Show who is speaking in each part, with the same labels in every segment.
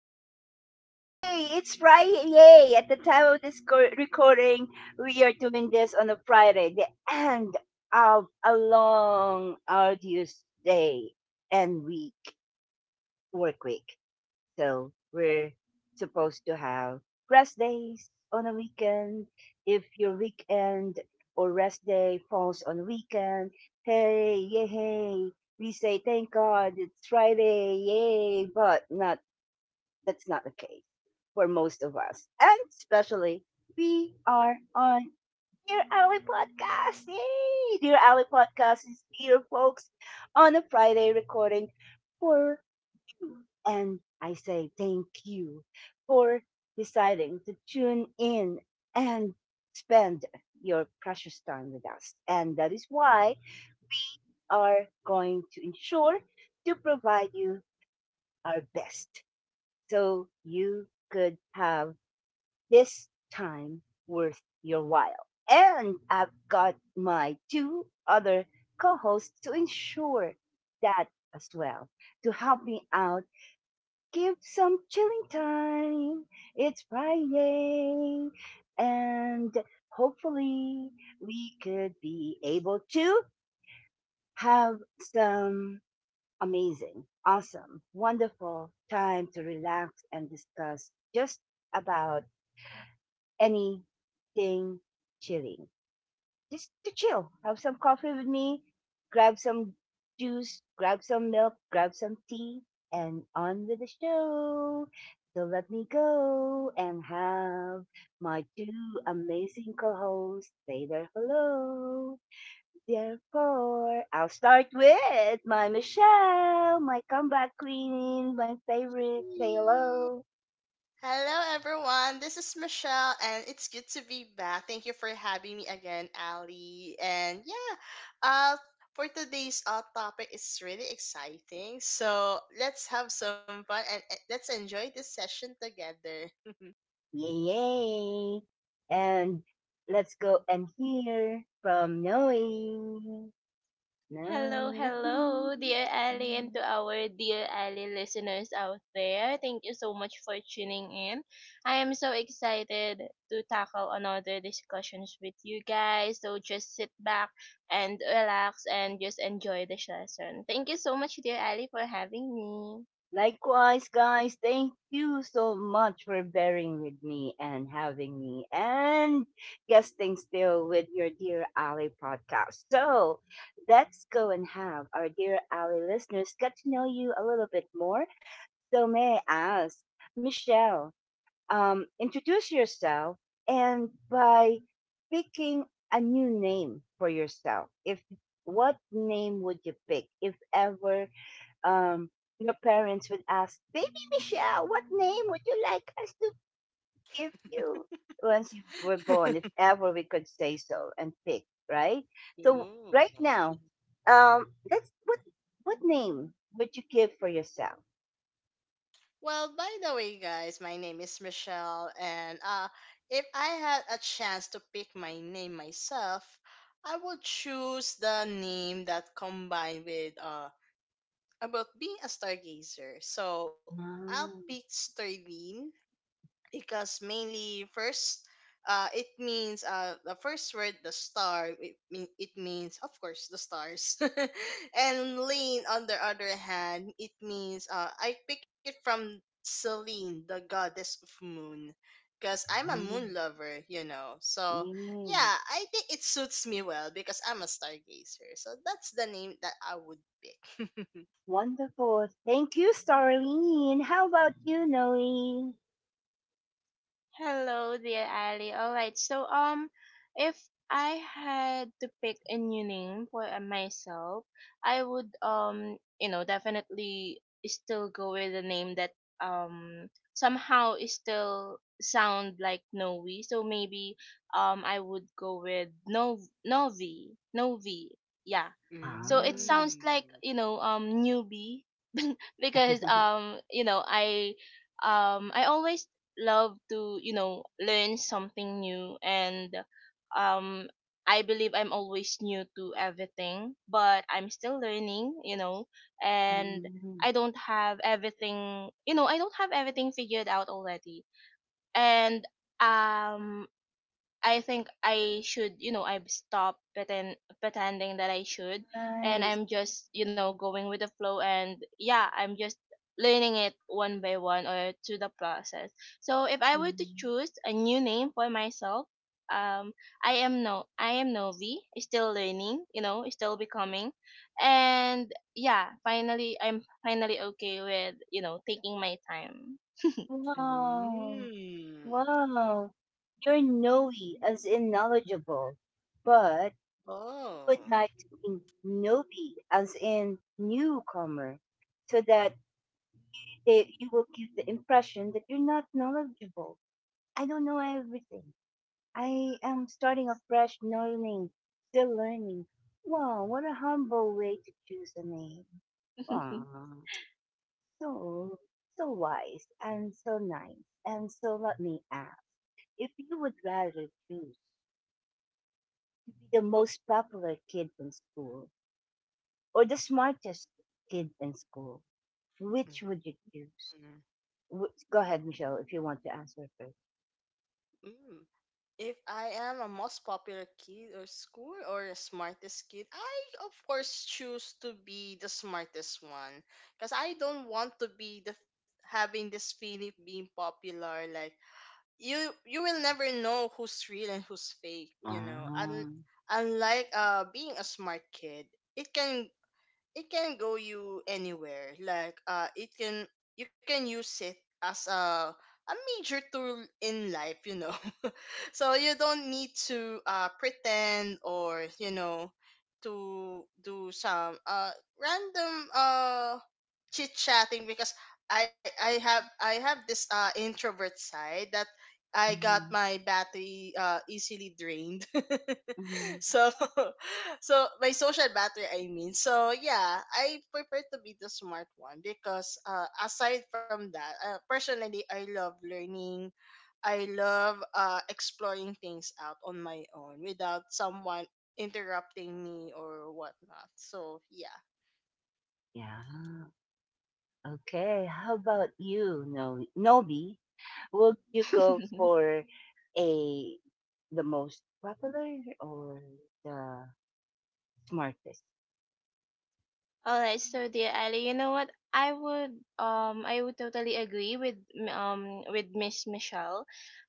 Speaker 1: Wow! Yay! It's Friday! Yay! At the time of this recording, we are doing this on a Friday, the end of a long, arduous day and work week. So we're supposed to have rest days on a weekend. If your weekend or rest day falls on a weekend, Hey, yay! We say thank God it's Friday, yay! But not that's not the case for most of us. And especially, we are on Dear Alley Podcast. Yay! Dear Alley Podcast is here, folks, on a Friday recording for you. And I say thank you for deciding to tune in and spend your precious time with us. And that is why we are going to ensure to provide you our best so you could have this time worth your while. And I've got my two other co hosts to ensure that as well. To help me out, give some chilling time. It's Friday. And hopefully, we could be able to have some amazing, awesome, wonderful time to relax and discuss just about anything chilling. Just to chill. Have some coffee with me, grab some juice, grab some milk, grab some tea, and on with the show. So let me go and have my two amazing co hosts say their hello. Therefore, I'll start with my Michelle, my comeback queen, my favorite. Say hello.
Speaker 2: Hello, everyone. This is Michelle, and it's good to be back. Thank you for having me again, Ali. And yeah, uh, for today's topic, it's really exciting. So let's have some fun and let's enjoy this session together.
Speaker 1: Yay, and let's go and hear from Noe.
Speaker 3: Hello,
Speaker 1: Noe.
Speaker 3: hello, dear Ali, and to our dear Ali listeners out there. Thank you so much for tuning in. I am so excited to tackle another discussions with you guys. So just sit back and relax and just enjoy the session. Thank you so much, dear Ali, for having me.
Speaker 1: Likewise, guys, thank you so much for bearing with me and having me and guesting still with your Dear Ali podcast. So let's go and have our Dear Ali listeners get to know you a little bit more. So may I ask, Michelle, introduce yourself and by picking a new name for yourself, if what name would you pick if ever um, your parents would ask, Baby Michelle, what name would you like us to give you once you were born, if ever we could say so and pick, right? So
Speaker 2: Ooh.
Speaker 1: right now, that's what name would you give for yourself?
Speaker 2: Well, by the way, guys, my name is Michelle, and if I had a chance to pick my name myself, I would choose the name that combined with about being a stargazer. So I'll pick
Speaker 1: Mm,
Speaker 2: Sterling because mainly first it means the first word the star it means of course the stars and lane on the other hand it means I pick it from Celine, the goddess of moon, because I'm a
Speaker 1: mm,
Speaker 2: moon lover, you know. So
Speaker 1: yeah.
Speaker 2: yeah, I think it suits me well because I'm a stargazer, so that's the name that I would pick.
Speaker 1: Wonderful. Thank you, Starlene. How about you, Noe?
Speaker 3: Hello, dear Ali. All right. If I had to pick a new name for myself, I would, you know, definitely still go with a name that, um, somehow is still sound like Novi. So maybe, I would go with Novi. Yeah. So it
Speaker 1: Ah.
Speaker 3: sounds
Speaker 2: Mm.
Speaker 3: like, you know, newbie because, you know, I always love to, you know, learn something new. And um I believe I'm always new to everything, but I'm still learning, you know. And
Speaker 1: Mm,
Speaker 3: I don't have everything, you know, I don't have everything figured out already. And um I think I should, you know, I've stopped pretending that I should, and
Speaker 1: nice.
Speaker 3: I'm just, you know, going with the flow. And yeah, I'm just learning it one by one or through the process. So if I were to
Speaker 1: Mm.
Speaker 3: choose a new name for myself, um, I am no, I am Novi, still learning, you know, still becoming, and yeah, finally, I'm finally okay with, you know, taking my time.
Speaker 1: Wow.
Speaker 2: Mm.
Speaker 1: Wow, you're knowy as in knowledgeable, but you would
Speaker 2: Oh.
Speaker 1: like to be newbie as in newcomer, so that you will give the impression that you're not knowledgeable. I don't know everything. I am starting afresh, learning, still learning. Wow, what a humble way to choose a name. Wow, so so wise and so nice, and so let me ask if you would rather choose the most popular kid in school or the smartest kid in school, which would you choose?
Speaker 2: Mhm.
Speaker 1: Go ahead, Michelle, if you want to answer first.
Speaker 2: Mm. If I am a most popular kid or school or the smartest kid, I of course choose to be the smartest one because I don't want to be the having this feeling of being popular. Like you, you will never know who's real and who's fake. You know, and
Speaker 1: Ah,
Speaker 2: unlike being a smart kid, it can it can go you anywhere. Like it can you can use it as a major tool in life, you know. So you don't need to pretend or, you know, to do some random chit chatting because I have this introvert side that I got
Speaker 1: mhm,
Speaker 2: my battery easily drained.
Speaker 1: mhm.
Speaker 2: So so my social battery, I mean, so yeah, I prefer to be the smart one because aside from that personally I love learning. I love exploring things out on my own without someone interrupting me or whatnot, so yeah.
Speaker 1: Yeah. Okay. How about you, Nobi? Would you go for a the most popular or the smartest?
Speaker 3: All right, so dear Ali, you know what? I would totally agree with with Miss Michelle.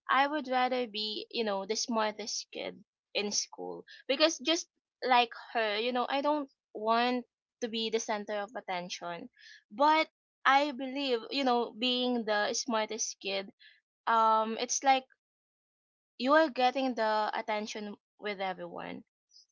Speaker 3: I would rather be, you know, the smartest kid in school, because just like her, you know, I don't want to be the center of attention. But I believe, you know, being the smartest kid, it's like you are getting the attention with everyone,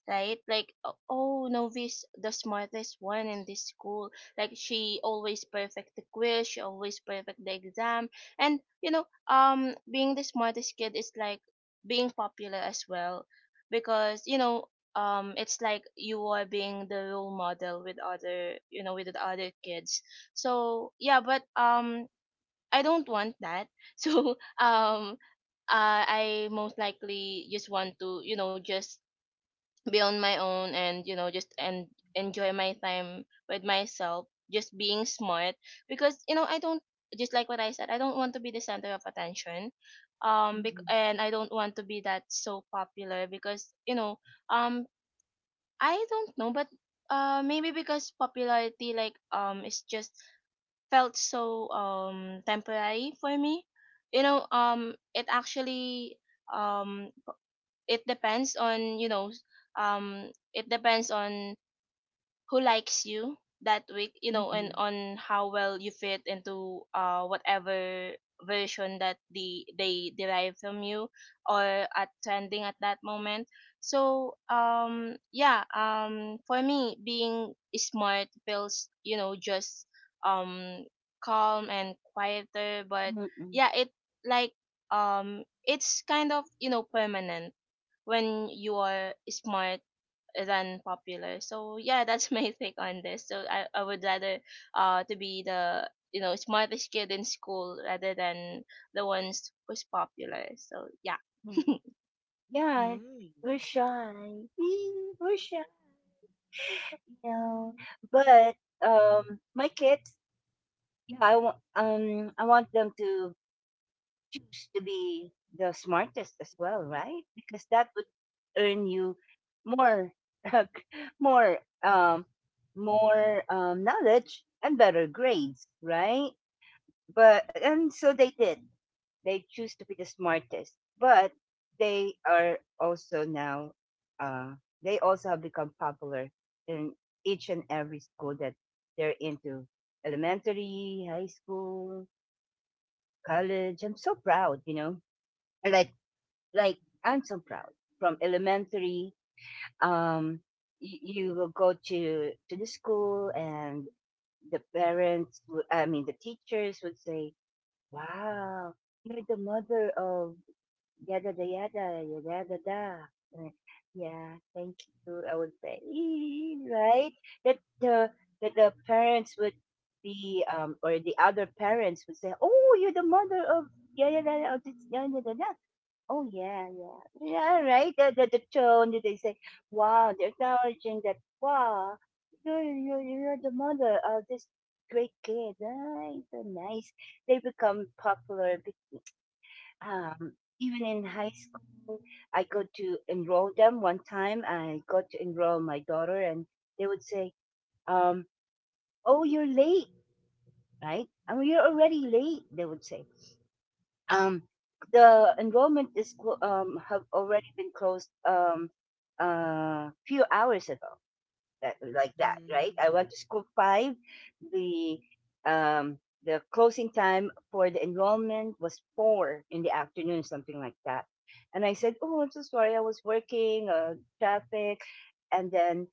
Speaker 3: right? Like, oh, Novi's the smartest one in this school. Like, she always perfect the quiz, she always perfect the exam, and you know, being the smartest kid is like being popular as well, because you know, it's like you are being the role model with other, you know, with the other kids. So yeah, but. I don't want that. So I most likely just want to, you know, just be on my own, and you know, just and enjoy my time with myself just being smart, because you know, I don't, just like what I said, I don't want to be the center of attention. um bec-
Speaker 1: Mm-mm,
Speaker 3: and I don't want to be that so popular, because you know, um I don't know, but maybe because popularity, like, it's just felt so temporary for me, you know. It actually, um it depends on, you know, it depends on who likes you that week, you know, and
Speaker 1: mm-mm,
Speaker 3: on how well you fit into whatever version that the they derive from you or are trending at that moment. So yeah, for me, being smart feels, you know, just um calm and quieter. But
Speaker 1: mm-mm,
Speaker 3: yeah, it, like, it's kind of, you know, permanent when you are smart than popular. So yeah, that's my take on this. So I would rather to be the, you know, smartest kid in school rather than the ones who's popular. So yeah.
Speaker 1: mm. Yeah,
Speaker 2: Hmm.
Speaker 1: we're shy. We're shy. No, but my kids, yeah, I want them to choose to be the smartest as well, right? Because that would earn you more, more, um, more knowledge and better grades, right? but and so they did. They choose to be the smartest, but they are also now. Uh, they also have become popular in each and every school that they're into. Elementary, high school, college. I'm so proud. Like, like, I'm so proud. From elementary, um, you will go to the school and the parents, I mean, the teachers would say, "Wow, you're the mother of yada da yada yada da. da." Uh, Yeah, thank you. I would say right that the that the parents would be or the other parents would say, "Oh, you're the mother of yada da da. Da da da." Oh yeah, yeah, yeah. Right. The tone that they say, "Wow," they're acknowledging that, "Wow, you're the mother of this great kid." Right. So nice. They become popular. Um, Even in high school, I go to enroll them. One time, I got to enroll my daughter, and they would say, um, "Oh, you're late." Right. I mean, you're already late. They would say, Um, "The enrollment is have already been closed few hours ago," that, like that, right?
Speaker 2: Hmm.
Speaker 1: I went to school five. The um, closing time for the enrollment was four in the afternoon, something like that. And I said, "Oh, I'm so sorry, I was working, traffic," and then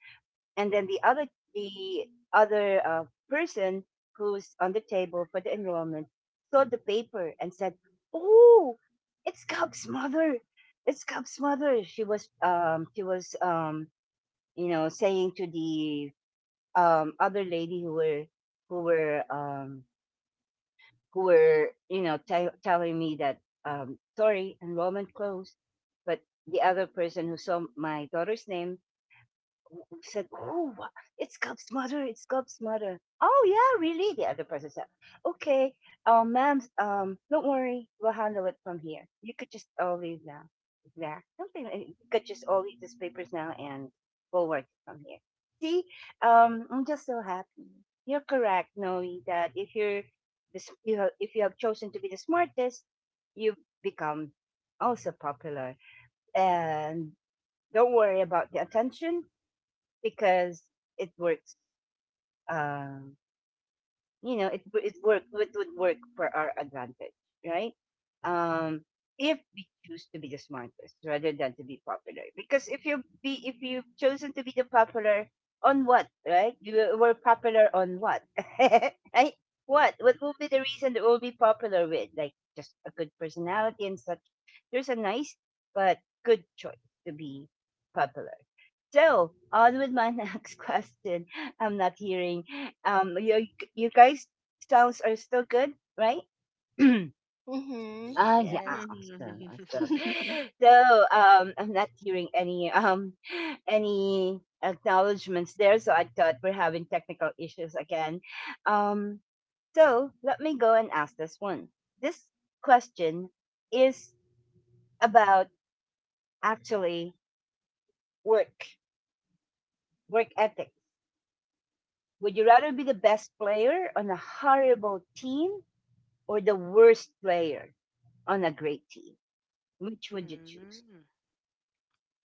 Speaker 1: the other the other uh, person who's on the table for the enrollment saw the paper and said, "Oh, it's Cub's mother! It's Cub's mother!" She was saying to the other lady who were who were who were you know tell telling me that sorry, enrollment closed, but the other person who saw my daughter's name said, "Oh, it's God's mother. It's God's mother." Oh yeah, really? The other person said, "Okay, ma'am, don't worry, we'll handle it from here. You could just all leave now. You could just all leave these papers now, and we'll work it from here." See, I'm just so happy. You're correct, Noe, that if you're this, you have, if you have chosen to be the smartest, you become also popular. And don't worry about the attention because it works. Um, it it work it would work for our advantage, right? Um, if we choose to be the smartest rather than to be popular, because if you've chosen to be the popular on what, right? You were popular on what, right? What will be the reason that we'll be popular with? Like just a good personality and such. There's a nice but good choice to be popular. So on with my next question. I'm not hearing. Um, you you guys sounds are still good, right?
Speaker 3: Mhm.
Speaker 1: Ah, yeah,
Speaker 3: Yes.
Speaker 1: awesome, awesome. So I'm not hearing any any acknowledgments there. So I thought we're having technical issues again. Um, so let me go and ask this one. This question is about actually work work ethics. Would you rather be the best player on a horrible team or the worst player on a great team? Which would you choose?
Speaker 2: Hmm.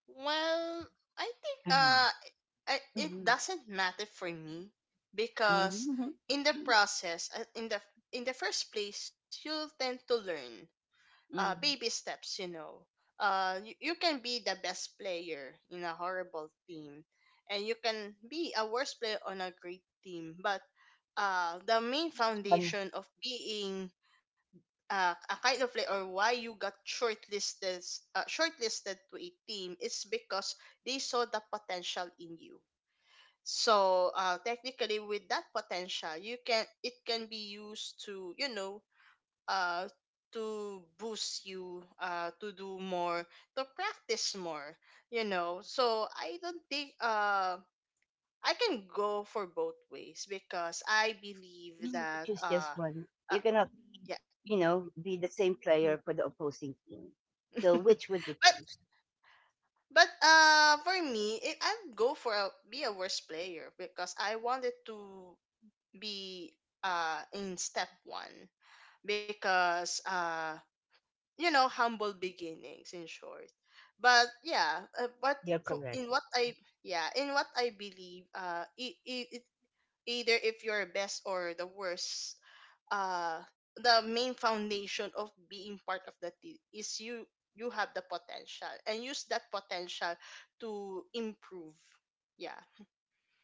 Speaker 2: Well, I think
Speaker 1: Mhm,
Speaker 2: it
Speaker 1: mhm,
Speaker 2: doesn't matter for me because
Speaker 1: mhm,
Speaker 2: in the process, in the first place, you'll tend to learn baby
Speaker 1: mhm.
Speaker 2: steps, you know. You can be the best player in a horrible team and you can be a worst player on a great team, but the main
Speaker 1: Choose one.
Speaker 2: foundation of being a kind of like or why you got shortlisted shortlisted to a team is because they saw the potential in you, so technically with that potential you can it can be used to, you know, uh, to boost you to do more, to practice more, you know. So I don't think I can go for both ways because I believe
Speaker 1: You have to
Speaker 2: that
Speaker 1: choose just one.
Speaker 2: uh
Speaker 1: You cannot,
Speaker 2: yeah.
Speaker 1: you know, be the same player for the opposing team. So which would you
Speaker 2: but
Speaker 1: choose?
Speaker 2: But for me, I'd go for a, be a worse player because I wanted to be in step one because you know, humble beginnings in short. But yeah, but
Speaker 1: You're
Speaker 2: for,
Speaker 1: correct.
Speaker 2: in what I yeah, in what I believe either if you're best or the worst, uh the main foundation of being part of the team is you have the potential and use that potential to improve, yeah.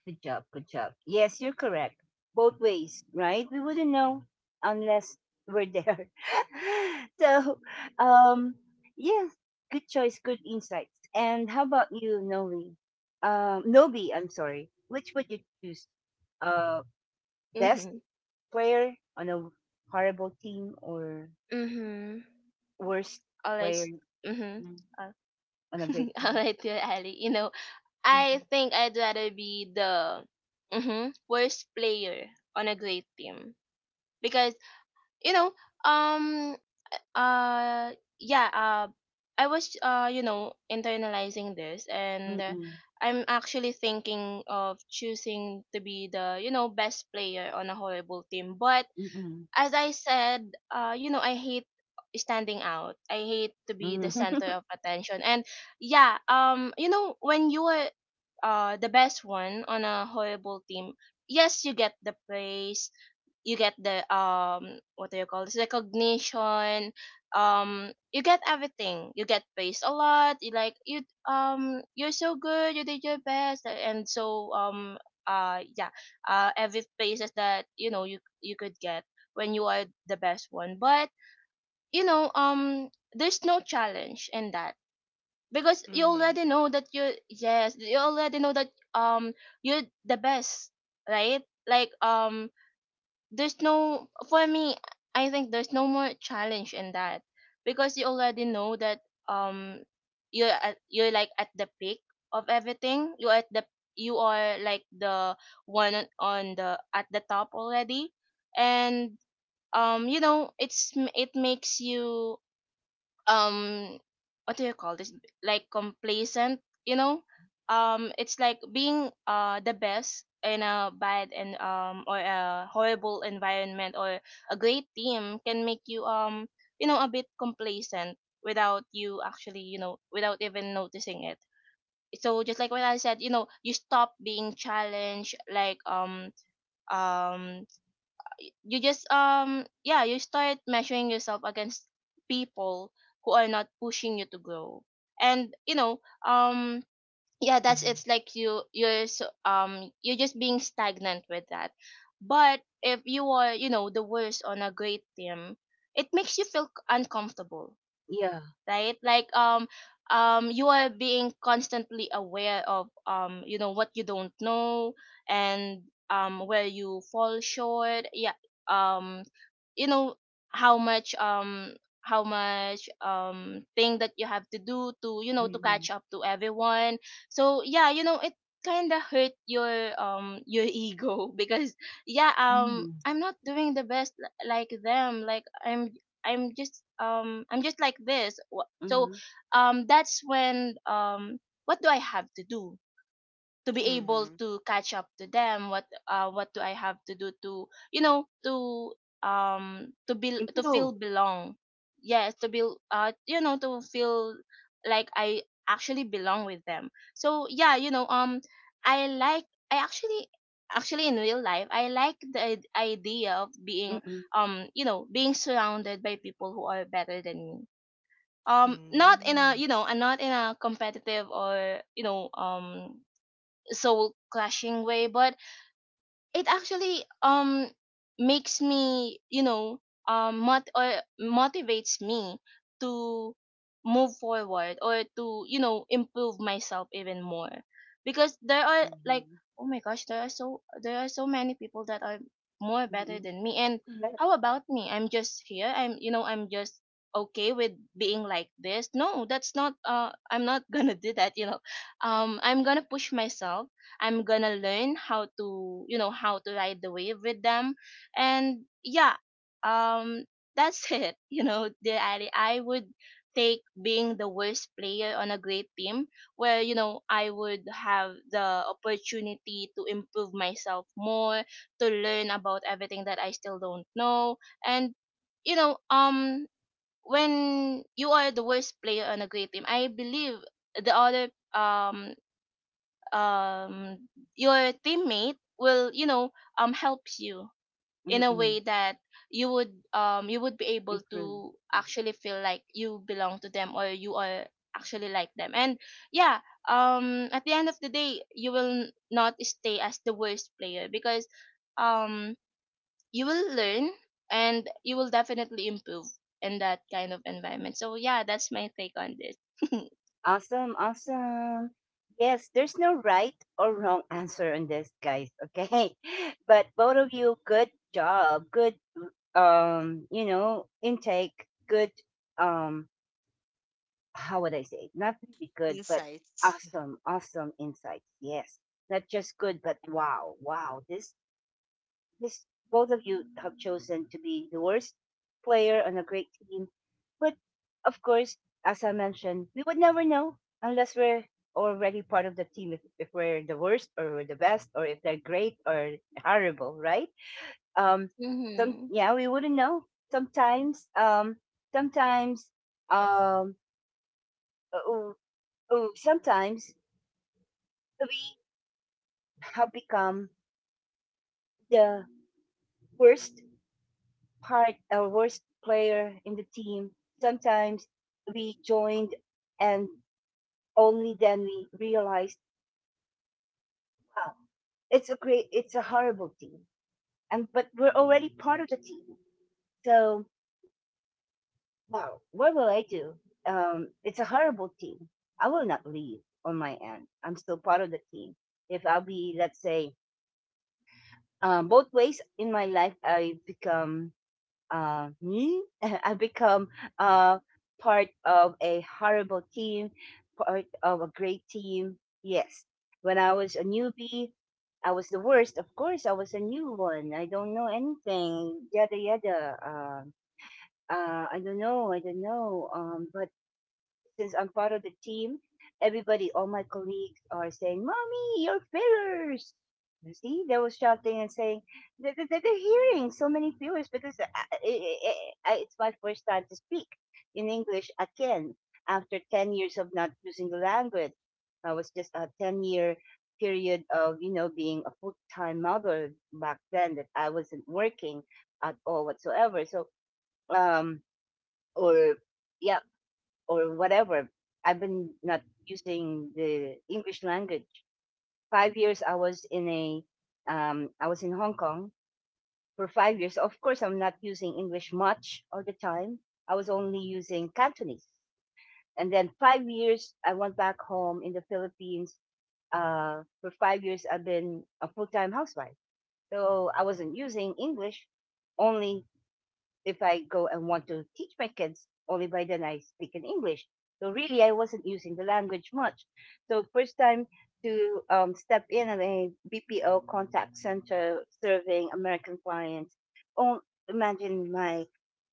Speaker 1: Good job. Good job. Yes, you're correct. Both ways, right? We wouldn't know unless we're there. So, um, yeah, good choice, good insights. And how about you, Novi? Nobi, I'm sorry. Which would you choose? Uh, best
Speaker 3: Mhm.
Speaker 1: player on a horrible team or
Speaker 3: Mm-hmm.
Speaker 1: worst
Speaker 3: All right.
Speaker 1: player
Speaker 3: Mhm.
Speaker 1: mm,
Speaker 3: Uh,
Speaker 1: on a great
Speaker 3: all
Speaker 1: team?
Speaker 3: right, dear Ali. You know, I
Speaker 1: Mm-hmm.
Speaker 3: think I'd rather be the mhm, worst player on a great team, because you know, um uh yeah uh I was, you know, internalizing this, and
Speaker 1: Mm-mm.
Speaker 3: I'm actually thinking of choosing to be the, you know, best player on a horrible team. But
Speaker 1: Mm-mm.
Speaker 3: as I said, you know, I hate standing out. I hate to be the
Speaker 1: Mm-hmm.
Speaker 3: center of attention. And yeah, you know, when you are the best one on a horrible team, yes, you get the praise, you get the what do you call this, recognition, you get everything, you get praised a lot, you like you, you're so good, you did your best, and so yeah, every praises that, you know, you could get when you are the best one. But you know, there's no challenge in that, because you
Speaker 2: Mm-hmm.
Speaker 3: already know that you, yes, you already know that um you're the best, right? Like, there's no, for me, I think there's no more challenge in that, because you already know that um you're at, you're like at the peak of everything, you are at the, you are like the one on the at the top already. And you know, it makes you um what do you call this, like, complacent, you know. It's like being the best in a bad and or a horrible environment, or a great team can make you you know, a bit complacent without you actually, you know, without even noticing it. So just like what I said, you know, you stop being challenged. Like, um you just, yeah, you start measuring yourself against people who are not pushing you to grow. And you know, um yeah, that's, it's like you, you're so, you're just being stagnant with that. But if you are, you know, the worst on a great team, it makes you feel uncomfortable,
Speaker 1: Yeah.
Speaker 3: right? Like, you are being constantly aware of, you know, what you don't know, and where you fall short. Yeah, um you know, how much, how much, thing that you have to do to, you know, to
Speaker 1: Mm-hmm.
Speaker 3: catch up to everyone. So yeah, you know, it kind of hurt your ego because yeah,
Speaker 1: Mm-hmm.
Speaker 3: I'm not doing the best, like them. Like, I'm just, I'm just like this. So
Speaker 1: Mhm.
Speaker 3: that's when, what do I have to do to be able
Speaker 2: Mm-hmm.
Speaker 3: to catch up to them? What, what do I have to do to, you know, to be, to
Speaker 1: Improve.
Speaker 3: feel belong, yes, to be, you know, to feel like I actually belong with them. So yeah, you know, I like, I actually, actually in real life, I like the idea of being
Speaker 1: Mm,
Speaker 3: you know, being surrounded by people who are better than me, not in a, you know, and not in a competitive, or you know, soul clashing way, but it actually makes me, you know, mot- or motivates me to move forward, or to, you know, improve myself even more, because there are, like,
Speaker 2: Mm-hmm.
Speaker 3: oh my gosh, there are so, there are so many people that are more better
Speaker 1: mm.
Speaker 3: than me. And
Speaker 1: Correct.
Speaker 3: how about me? I'm just here, I'm, you know, I'm just okay with being like this. No, that's not, I'm not gonna do that, you know. I'm gonna push myself. I'm gonna learn how to, you know, how to ride the wave with them. And yeah, um, that's it. You know, the I would take being the worst player on a great team, where, you know, I would have the opportunity to improve myself more, to learn about everything that I still don't know. And, you know, when you are the worst player on a great team, I believe the other um um your teammate will, you know, help you in a
Speaker 1: Mm,
Speaker 3: way that you would, you would be able
Speaker 1: improve.
Speaker 3: to
Speaker 1: Yeah.
Speaker 3: actually feel like you belong to them, or you are actually like them. And yeah, at the end of the day, you will not stay as the worst player, because um you will learn, and you will definitely improve in that kind of environment. So yeah, that's my take on this.
Speaker 1: Awesome, awesome. Yes, there's no right or wrong answer on this, guys. Okay, but both of you, good job, good, intake, good, um, how would I say? Not really good, but
Speaker 2: Insights.
Speaker 1: awesome, awesome insights. Yes, not just good, but wow, wow, this both of you have chosen to be the worst player on a great team. But of course, as I mentioned, we would never know unless we're already part of the team if we're the worst or we're the best or if they're great or horrible, right? Um some,
Speaker 3: Mm-hmm.
Speaker 1: yeah, we wouldn't know. Sometimes um sometimes um uh, uh, Sometimes we have become the worst part a worst player in the team. Sometimes we joined and only then we realized, wow, it's a horrible team. But we're already part of the team. So, wow, what will I do? It's a horrible team. I will not leave on my end. I'm still part of the team. If I'll be, let's say, both ways in my life, I become me. I become uh, part of a horrible team, part of a great team. Yes. When I was a newbie, I was the worst. Of course, I was a new one. I don't know anything. Yada yada. I don't know. I don't know. But since I'm part of the team, everybody, all my colleagues are saying, "Mommy, your fillers." You see, they were shouting and saying, they're hearing so many fillers because it's my first time to speak in English again after 10 years of not using the language. I was just a 10-year period of being a full time mother back then that I wasn't working at all whatsoever. So, um, or yeah, or whatever. I've been not using the English language. 5 years I was in Hong Kong for 5 years. Of course, I'm not using English much all the time. I was only using Cantonese. And then 5 years I went back home in the Philippines. For 5 years I've been a full-time housewife. So I wasn't using English, only if I go and want to teach my kids, only by then I speak in English. So really, I wasn't using the language much. So first time to step in at a BPO contact center serving American clients. Oh, imagine my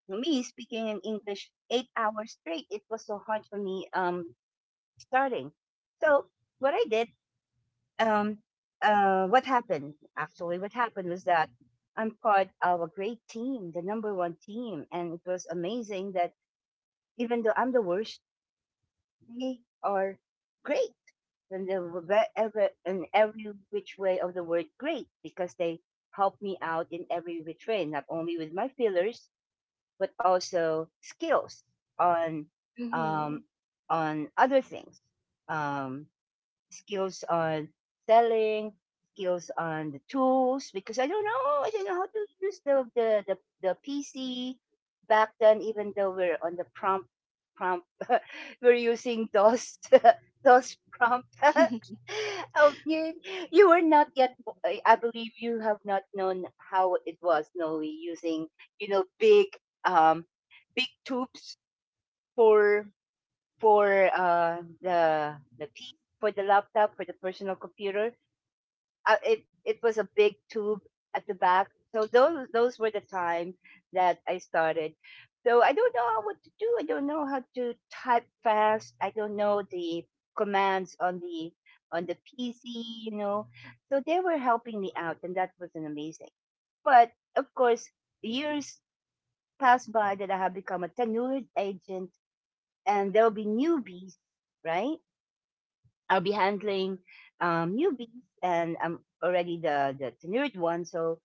Speaker 1: me speaking in English 8 hours straight. It was so hard for me starting. So what I did um, what happened actually, what happened was that I'm part of a great team, the number one team, and it was amazing that even though I'm the worst, they are great. And they were ever in every which way of the word great because they help me out in every which way, not only with my feelers, but also skills on,
Speaker 3: Mm-hmm.
Speaker 1: um, on other things, um, skills on selling, skills on the tools because I don't know how to use the PC back then. Even though we're on the prompt, we're using DOS DOS prompt. Okay, you were not yet. I believe you have not known how it was. No, we using, big um big tubes for the key for the laptop for the personal computer. It was a big tube at the back. So those were the time that I started. So I don't know what to do. I don't know how to type fast. I don't know the commands on the PC. You know, so they were helping me out, and that was an amazing. But of course, years passed by that I have become a tenured agent, and there will be newbies, right? I'll be handling newbies, and I'm already the tenured one. So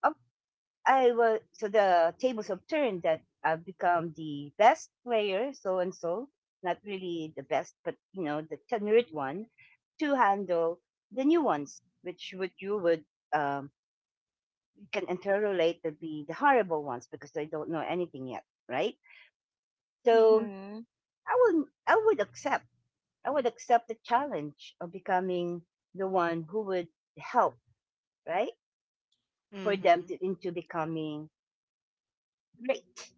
Speaker 1: up, I was so the tables have turned that I've become the best player, so and so, not really the best, but the tenured one to handle the new ones, which would um, you can interrelate the horrible ones because they don't know anything yet, right? So
Speaker 3: Mm-hmm.
Speaker 1: I would I would accept I would accept the challenge of becoming the one who would help, right? For them
Speaker 2: Mm-hmm.
Speaker 1: to into becoming great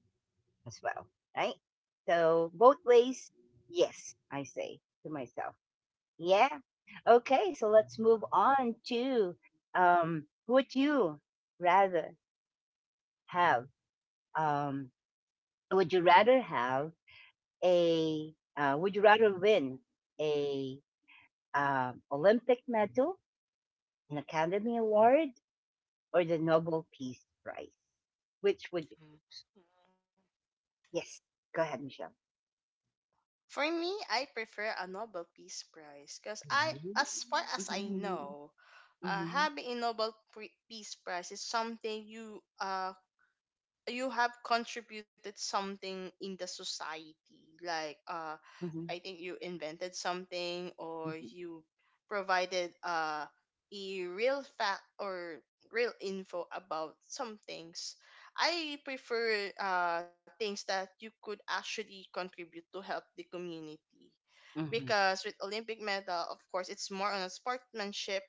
Speaker 1: as well, right? So both ways, yes, I say to myself. Yeah. Okay, so let's move on to, um would you rather have um would you rather have a would you rather win a, Olympic medal, an Academy Award, or the Nobel Peace Prize? Which would you?
Speaker 2: Mm-hmm.
Speaker 1: Yes? Go ahead, Michelle.
Speaker 2: For me, I prefer a Nobel Peace Prize because, I, as far
Speaker 1: Yeah.
Speaker 2: as I know, having a Peace Prize is something you you have contributed something in the society, like I think you invented something or you provided a real fact or real info about some things. I prefer things that you could actually contribute to help the community, because with Olympic medal, of course, it's more on a sportsmanship,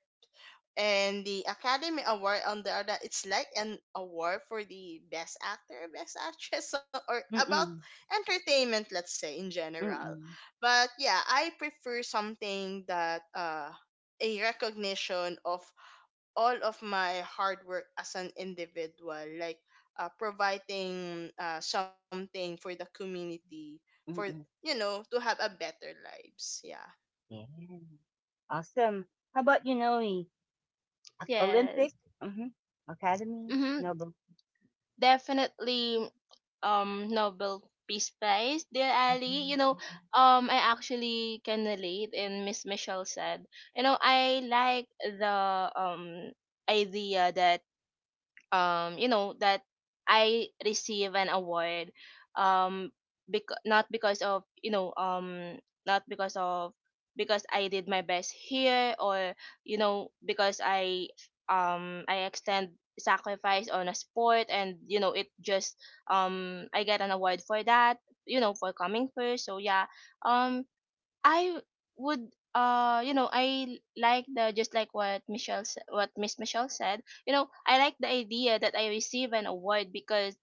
Speaker 2: and the Academy Award on the other, it's like an award for the best actor, best actress, so- or about entertainment, let's say in general. But yeah, I prefer something that a recognition of all of my hard work as an individual, like providing something for the community, for, you know, to have a better lives. Yeah.
Speaker 1: Awesome. How about you, Noe? Olympic,
Speaker 3: Yes.
Speaker 1: hmm Academy,
Speaker 3: Mm-hmm.
Speaker 1: Nobel.
Speaker 3: Definitely Nobel Peace Prize, dear Ali. You know,
Speaker 1: Mm-hmm.
Speaker 3: I actually can relate and Miss Michelle said. I like the um idea that um you know that I receive an award, um not because of not because of because I did my best here, or you know because I extend sacrifice on a sport, and you know it just, I get an award for that, you know, for coming first. So yeah, um I would, I like the, just like what what Miss Michelle said, you know, I like the idea that I receive an award because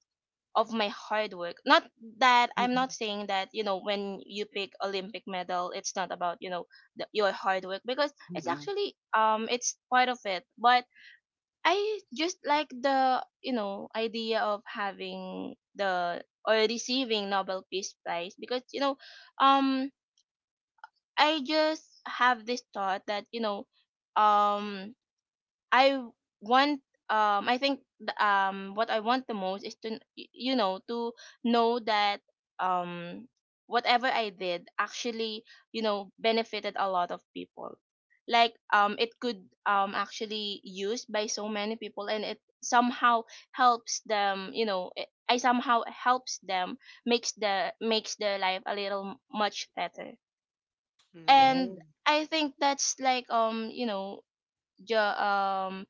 Speaker 3: of my hard work. Not that I'm not saying that, you know, when you pick Olympic medal, it's not about, you know, your hard work, because it's
Speaker 1: Mm-hmm.
Speaker 3: actually, it's part of it. But I just like the, you know, idea of having the, or receiving, Nobel Peace Prize, because you know, um I just have this thought that, you know, um, I want, I think, what I want the most is to, to know that, um, whatever I did actually, you know, benefited a lot of people. Like, it could, actually used by so many people, and it somehow helps them, you know, I somehow helps them, makes the, makes their life a little much better. And
Speaker 1: Yes.
Speaker 3: I think that's like, ju- um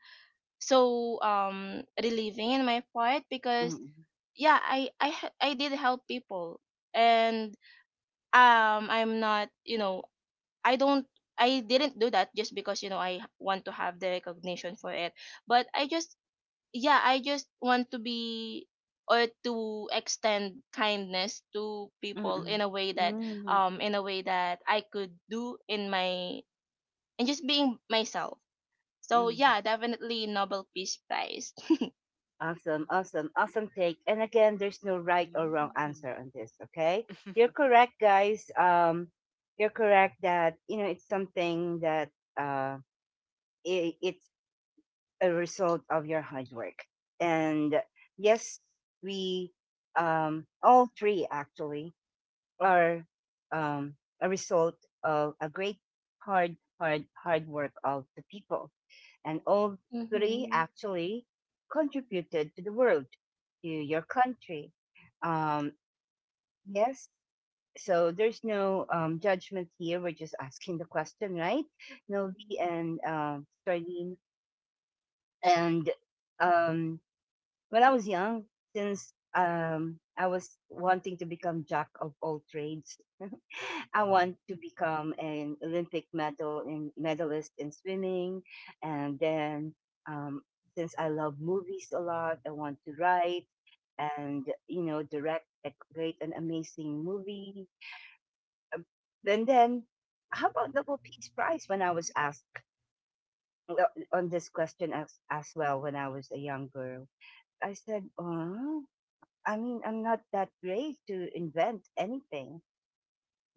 Speaker 3: so relieving in my part, because
Speaker 1: Mm-hmm.
Speaker 3: yeah, I did help people. And I'm not, you know, I don't I didn't do that just because, you know, I want to have the recognition for it. But I just, yeah, I just want to be, or to extend kindness to people, in
Speaker 1: Mm-hmm.
Speaker 3: a way that,
Speaker 1: Mm-hmm.
Speaker 3: in a way that I could do in my, and just being myself. So
Speaker 1: Mm-hmm.
Speaker 3: yeah, definitely Nobel Peace Prize.
Speaker 1: Awesome, awesome, awesome take. And again, there's no right or wrong
Speaker 2: Mm-hmm.
Speaker 1: answer on this, okay? You're correct, guys. You're correct that, it's something that uh, I it's a result of your hard work. And yes, we, all three actually are, um, a result of a great, hard, hard, hard work of the people, and all three
Speaker 3: Mm-hmm.
Speaker 1: actually contributed to the world, to your country. Um, yes, so there's no judgment here. We're just asking the question, right? Novi and Starlene. And, um, when I was young, since, I was wanting to become jack of all trades, I want to become an Olympic medalist in swimming, and then, um, since I love movies a lot, I want to write and direct a great and amazing movie. Then, how about Nobel Peace Prize? When I was asked, uh, on this question as well when I was a young girl, I said, "Oh, I mean, I'm not that great to invent anything."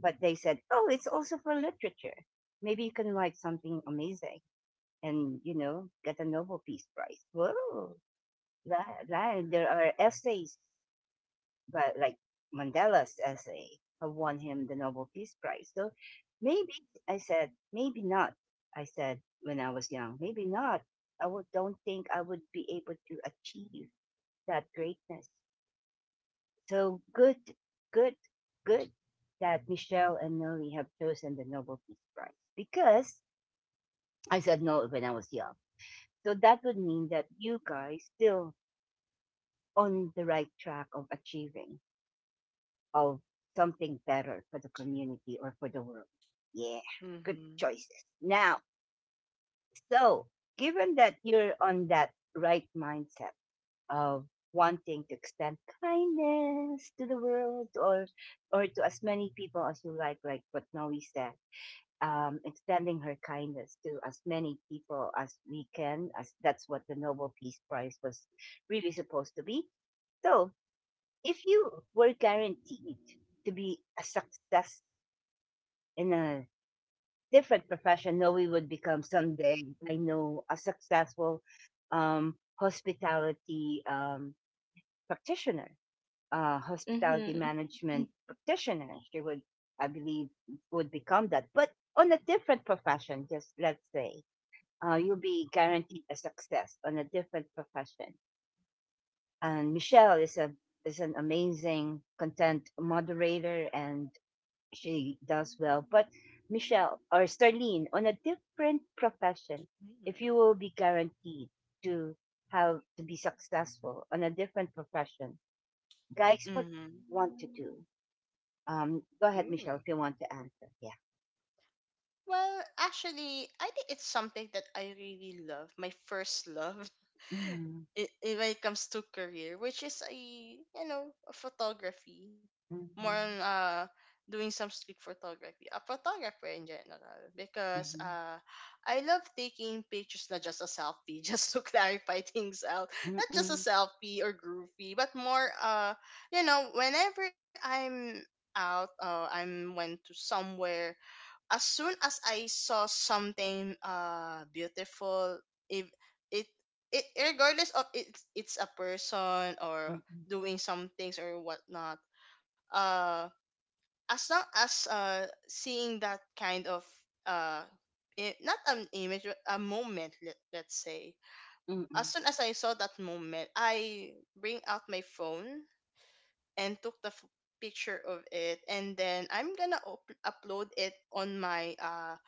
Speaker 1: But they said, "Oh, it's also for literature. Maybe you can write something amazing and get a Nobel Peace Prize." Whoa! That there are essays, but like, Mandela's essay have won him the Nobel Peace Prize. So maybe, I said, maybe not. I said when I was young, maybe not. I don't think I would be able to achieve that greatness. So good, good, good that Michelle and Noli have chosen the Nobel Peace Prize because I said no when I was young. So that would mean that you guys still on the right track of achieving of something better for the community or for the world. Yeah, good
Speaker 2: Mm-hmm.
Speaker 1: choices. Now, so given that you're on that right mindset of wanting to extend kindness to the world, or to as many people as you, like what Noe said, extending her kindness to as many people as we can, as that's what the Nobel Peace Prize was really supposed to be. So if you were guaranteed to be a success in a different profession, Noe would become someday, I know, a successful hospitality practitioner, hospitality
Speaker 3: Mm-hmm.
Speaker 1: management practitioner. She would, I believe, would become that, but on a different profession. Just let's say, you'll be guaranteed a success on a different profession. And Michelle is an amazing content moderator, and she does well. But Michelle or Starlene on a different profession, if you will be guaranteed to to be successful on a different profession, guys, what do
Speaker 2: Mhm.
Speaker 1: you want to do? Go ahead,
Speaker 2: Mm.
Speaker 1: Michelle, if you want to answer. Yeah.
Speaker 2: Well, actually, I think it's something that I really love. My first love,
Speaker 1: Mm-hmm.
Speaker 2: when it comes to career, which is a, you know, a photography, more on
Speaker 1: Mm-hmm.
Speaker 2: doing some street photography, a photographer in general. Because I love taking pictures, not just a selfie, just to clarify things out,
Speaker 1: Mm-hmm.
Speaker 2: not just a
Speaker 1: Mm-mm.
Speaker 2: selfie or groupie, but more you know, whenever I'm out, I'm went to somewhere, as soon as I saw something beautiful, if it it regardless of it, it's a person or
Speaker 1: Mm-mm.
Speaker 2: doing some things or whatnot, uh as long as seeing that kind of uh not an image but a moment, let, let's say, as
Speaker 1: Mm-mm.
Speaker 2: soon as I saw that moment I bring out my phone and took picture of it and then I'm gonna upload it on my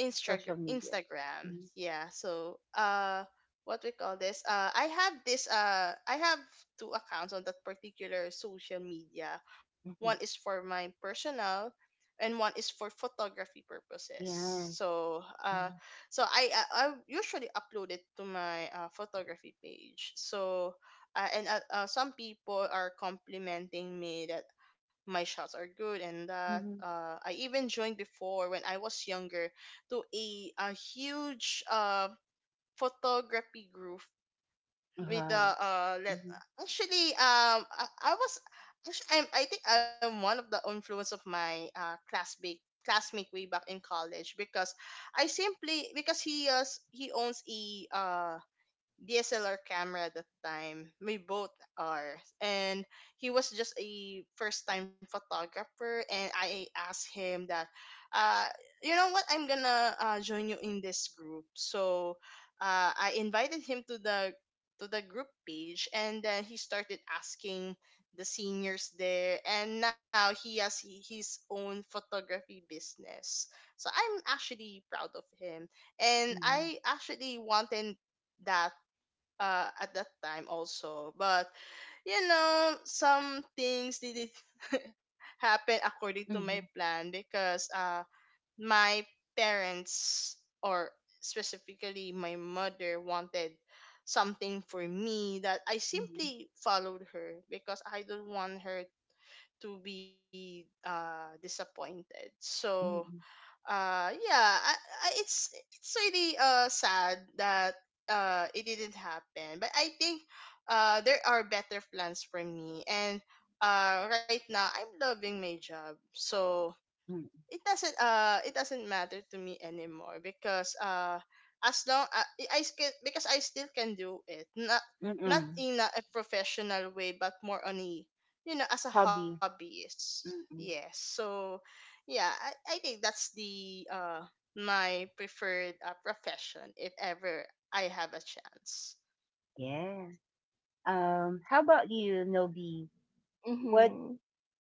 Speaker 1: Social media.
Speaker 2: Instagram.
Speaker 1: Mm-hmm.
Speaker 2: Yeah. So what we call this? I have two accounts on that particular social media. One is
Speaker 1: Mm-hmm.
Speaker 2: for my personal and one is for photography purposes.
Speaker 1: Yes.
Speaker 2: So
Speaker 1: Mm-hmm.
Speaker 2: so I I, I usually upload it to my photography page. So and some people are complimenting me that my shots are good, and that
Speaker 1: Mm-hmm.
Speaker 2: I even joined before when I was younger to a huge photography group with the
Speaker 1: Wow.
Speaker 2: let
Speaker 1: Mm-hmm.
Speaker 2: actually I was actually, I think I'm one of the influence of my classmate way back in college, because I simply because he is he owns a DSLR camera at that time. We both are. And he was just a first time photographer and I asked him that uh you know what, I'm gonna join you in this group. So I invited him to the group page and then he started asking the seniors there, and now he has his own photography business. So I'm actually proud of him, and
Speaker 1: Mm-hmm.
Speaker 2: I actually wanted that at that time also, but you know, some things didn't happen according to my plan because my parents, or specifically my mother, wanted something for me that I
Speaker 1: Mm-hmm.
Speaker 2: simply followed her because I don't want her to be disappointed. So
Speaker 1: Mm-hmm.
Speaker 2: yeah, I, it's it's really sad that it didn't happen, but I think there are better plans for me, and right now I'm loving my job, so
Speaker 1: Mm-hmm.
Speaker 2: it doesn't matter to me anymore because as long I can, because I still can do it, not not
Speaker 1: Mm-mm.
Speaker 2: in a professional way, but more on a, you know, as a
Speaker 1: Hobby.
Speaker 2: hobbyist, yes.
Speaker 1: Mm-mm.
Speaker 2: So yeah, I think that's the my preferred profession if ever I have a chance.
Speaker 1: Yeah. How about you, Nobi? What,
Speaker 3: Mm-hmm.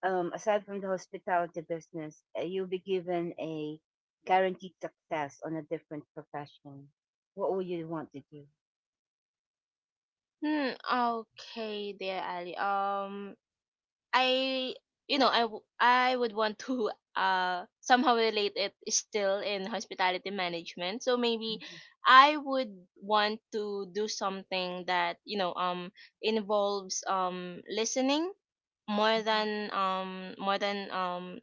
Speaker 1: aside from the hospitality business, you'll be given a guaranteed success on a different profession. What would you want to do?
Speaker 3: Hmm. Okay, dear Ali. I, I would want to somehow relate it still in hospitality management. So maybe
Speaker 1: Mhm,
Speaker 3: I would want to do something that, you know, involves listening more
Speaker 1: mhm,
Speaker 3: than,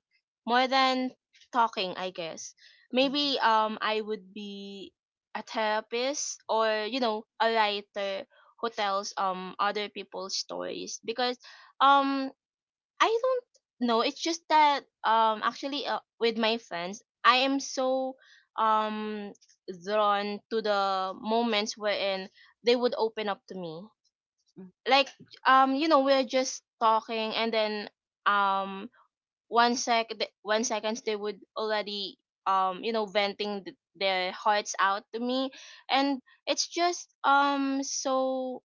Speaker 3: more than talking, I guess.
Speaker 1: mhm,
Speaker 3: Maybe I would be a therapist, or you know, a writer who tells other people's stories. Because um I don't know, it's just that actually, with my friends, I am so um drawn to the moments wherein they would open up to me. Like, you know, we're just talking, and then um 1 seconds they would already, you know, venting their hearts out to me. And it's just so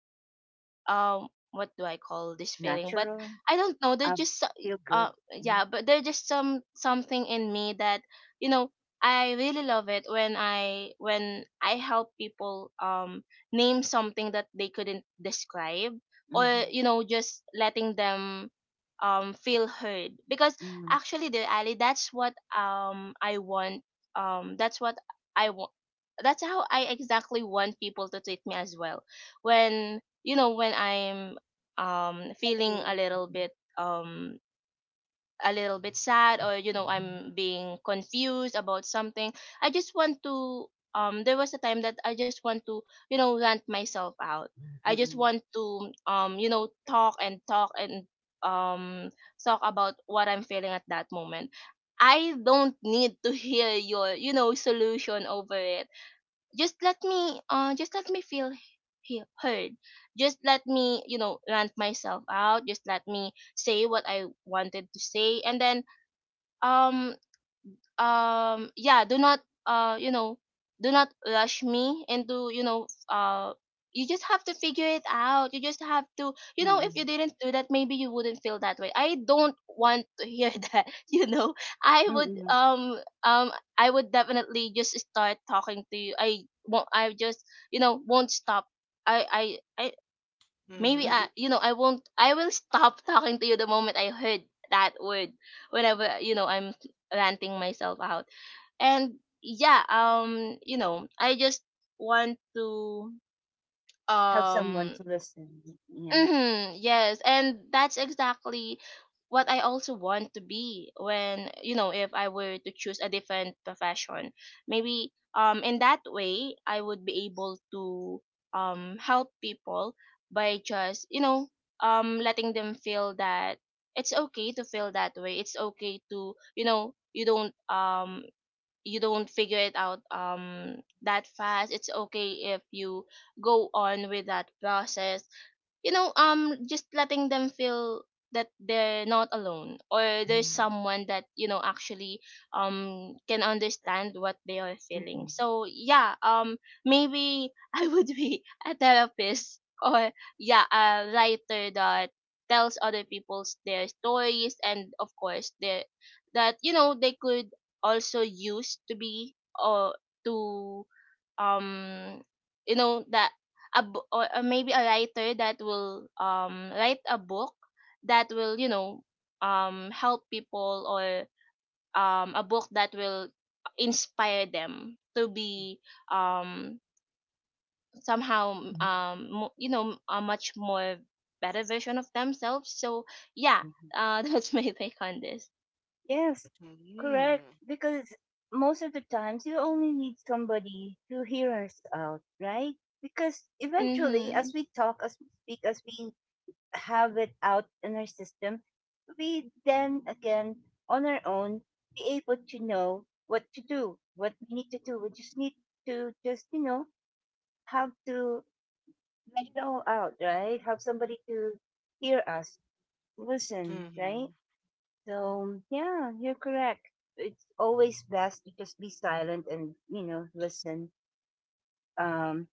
Speaker 3: what do I call this feeling? But
Speaker 1: Natural.
Speaker 3: I don't know,
Speaker 1: I
Speaker 3: there's just
Speaker 1: feel good. Mhm,
Speaker 3: yeah, but there's just some something in me that, you know, I really love it when I help people name something that they couldn't describe, or
Speaker 1: mhm,
Speaker 3: you know, just letting them feel heard. Because
Speaker 1: mhm.
Speaker 3: actually, the Ali, that's what I want, that's what I want, that's how I exactly want people to treat me as well, when, you know, when I'm feeling a
Speaker 1: Feel-
Speaker 3: little bit, um a little bit sad, or you know,
Speaker 1: mhm,
Speaker 3: I'm being confused about something. I just want to, there was a time that I just want to, you know, rant myself out. I just
Speaker 1: mhm,
Speaker 3: want to, you know, talk and talk, and um talk about what I'm feeling at that moment. I don't need to hear your, you know, solution over it. Just let me, just let me feel heard. Just let me, you know, rant myself out. Just let me say what I wanted to say. And then um yeah, do not, you know, do not rush me into, you know, you just have to figure it out, you just have to, you know, if you
Speaker 1: mhm,
Speaker 3: didn't do that, maybe you wouldn't feel that way. I don't want to hear that, you know. I would
Speaker 1: mhm,
Speaker 3: I would definitely just start talking to you. I won't, I just, you know, won't stop. i i i maybe
Speaker 2: Mm-hmm.
Speaker 3: i
Speaker 1: mhm.
Speaker 3: you know, I won't I will stop talking to you the moment I heard that word, whenever, you know, I'm ranting myself out. And yeah, you know, I just want to
Speaker 1: Have someone
Speaker 3: um
Speaker 1: to listen. Yeah.
Speaker 3: mhm, yes. And that's exactly what I also want to be, when, you know, if I were to choose a different profession. Maybe in that way, I would be able to help people by just, you know, letting them feel that it's okay to feel that way. It's okay to, you know, you don't figure it out that fast. It's okay if you go on with that process, you know. Just letting them feel that they're not alone, or there's
Speaker 1: Mhm,
Speaker 3: someone that, you know, actually can understand what they are feeling.
Speaker 1: mhm,
Speaker 3: So yeah, maybe I would be a therapist, or yeah, a writer that tells other people's their stories, and of course their, that, you know, they could also use to be, or to, um you know, that a bo- or maybe a writer that will write a book that will, you know, help people. Or a book that will inspire them to be um somehow
Speaker 1: mhm,
Speaker 3: you know, a much more better version of themselves. So yeah,
Speaker 1: mhm.
Speaker 3: that's my take on this.
Speaker 1: Yes, correct.
Speaker 2: Mm-hmm.
Speaker 1: Because most of the times you only need somebody to hear us out, right? Because eventually, as
Speaker 3: Mhm.
Speaker 1: we talk, as we speak, as we have it out in our system, we then again, on our own, be able to know what to do, what we need to do. We just need to just, have to let it all out, right? Have somebody to hear us, listen, right?
Speaker 2: Mm-hmm.
Speaker 1: So yeah, you're correct. It's always best to just be silent and listen. Um,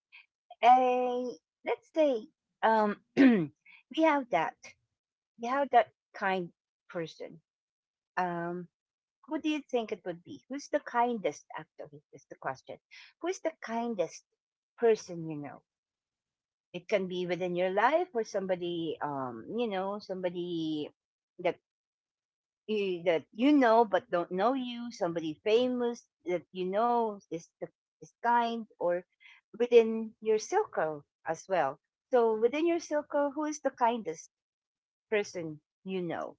Speaker 1: a let's say, um we have that we have that kind person. Um, who do you think it would be? Who's the kindest? Actually, is the question. Who's the kindest person you know? It can be within your life or somebody, somebody that that you know but don't know you, somebody famous that you know is kind, or within your circle as well. So within your circle, who is the kindest person you know?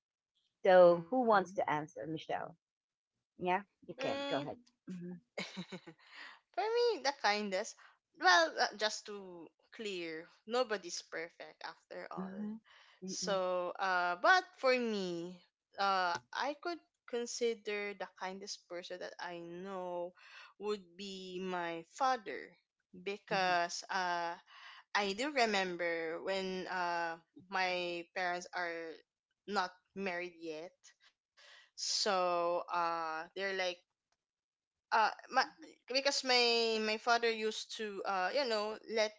Speaker 1: So who wants to answer, Michelle? Yeah, you can
Speaker 2: Mm-hmm. Mm.
Speaker 1: go ahead. Mhm,
Speaker 2: For me, the kindest, well, just to clear, nobody's perfect after all.
Speaker 1: mhm, mhm,
Speaker 2: So, but for me, I could consider the kindest person that I know would be my father,
Speaker 1: mhm,
Speaker 2: because I do remember when, my parents are not married yet. So, they're like my because my father used to you know, let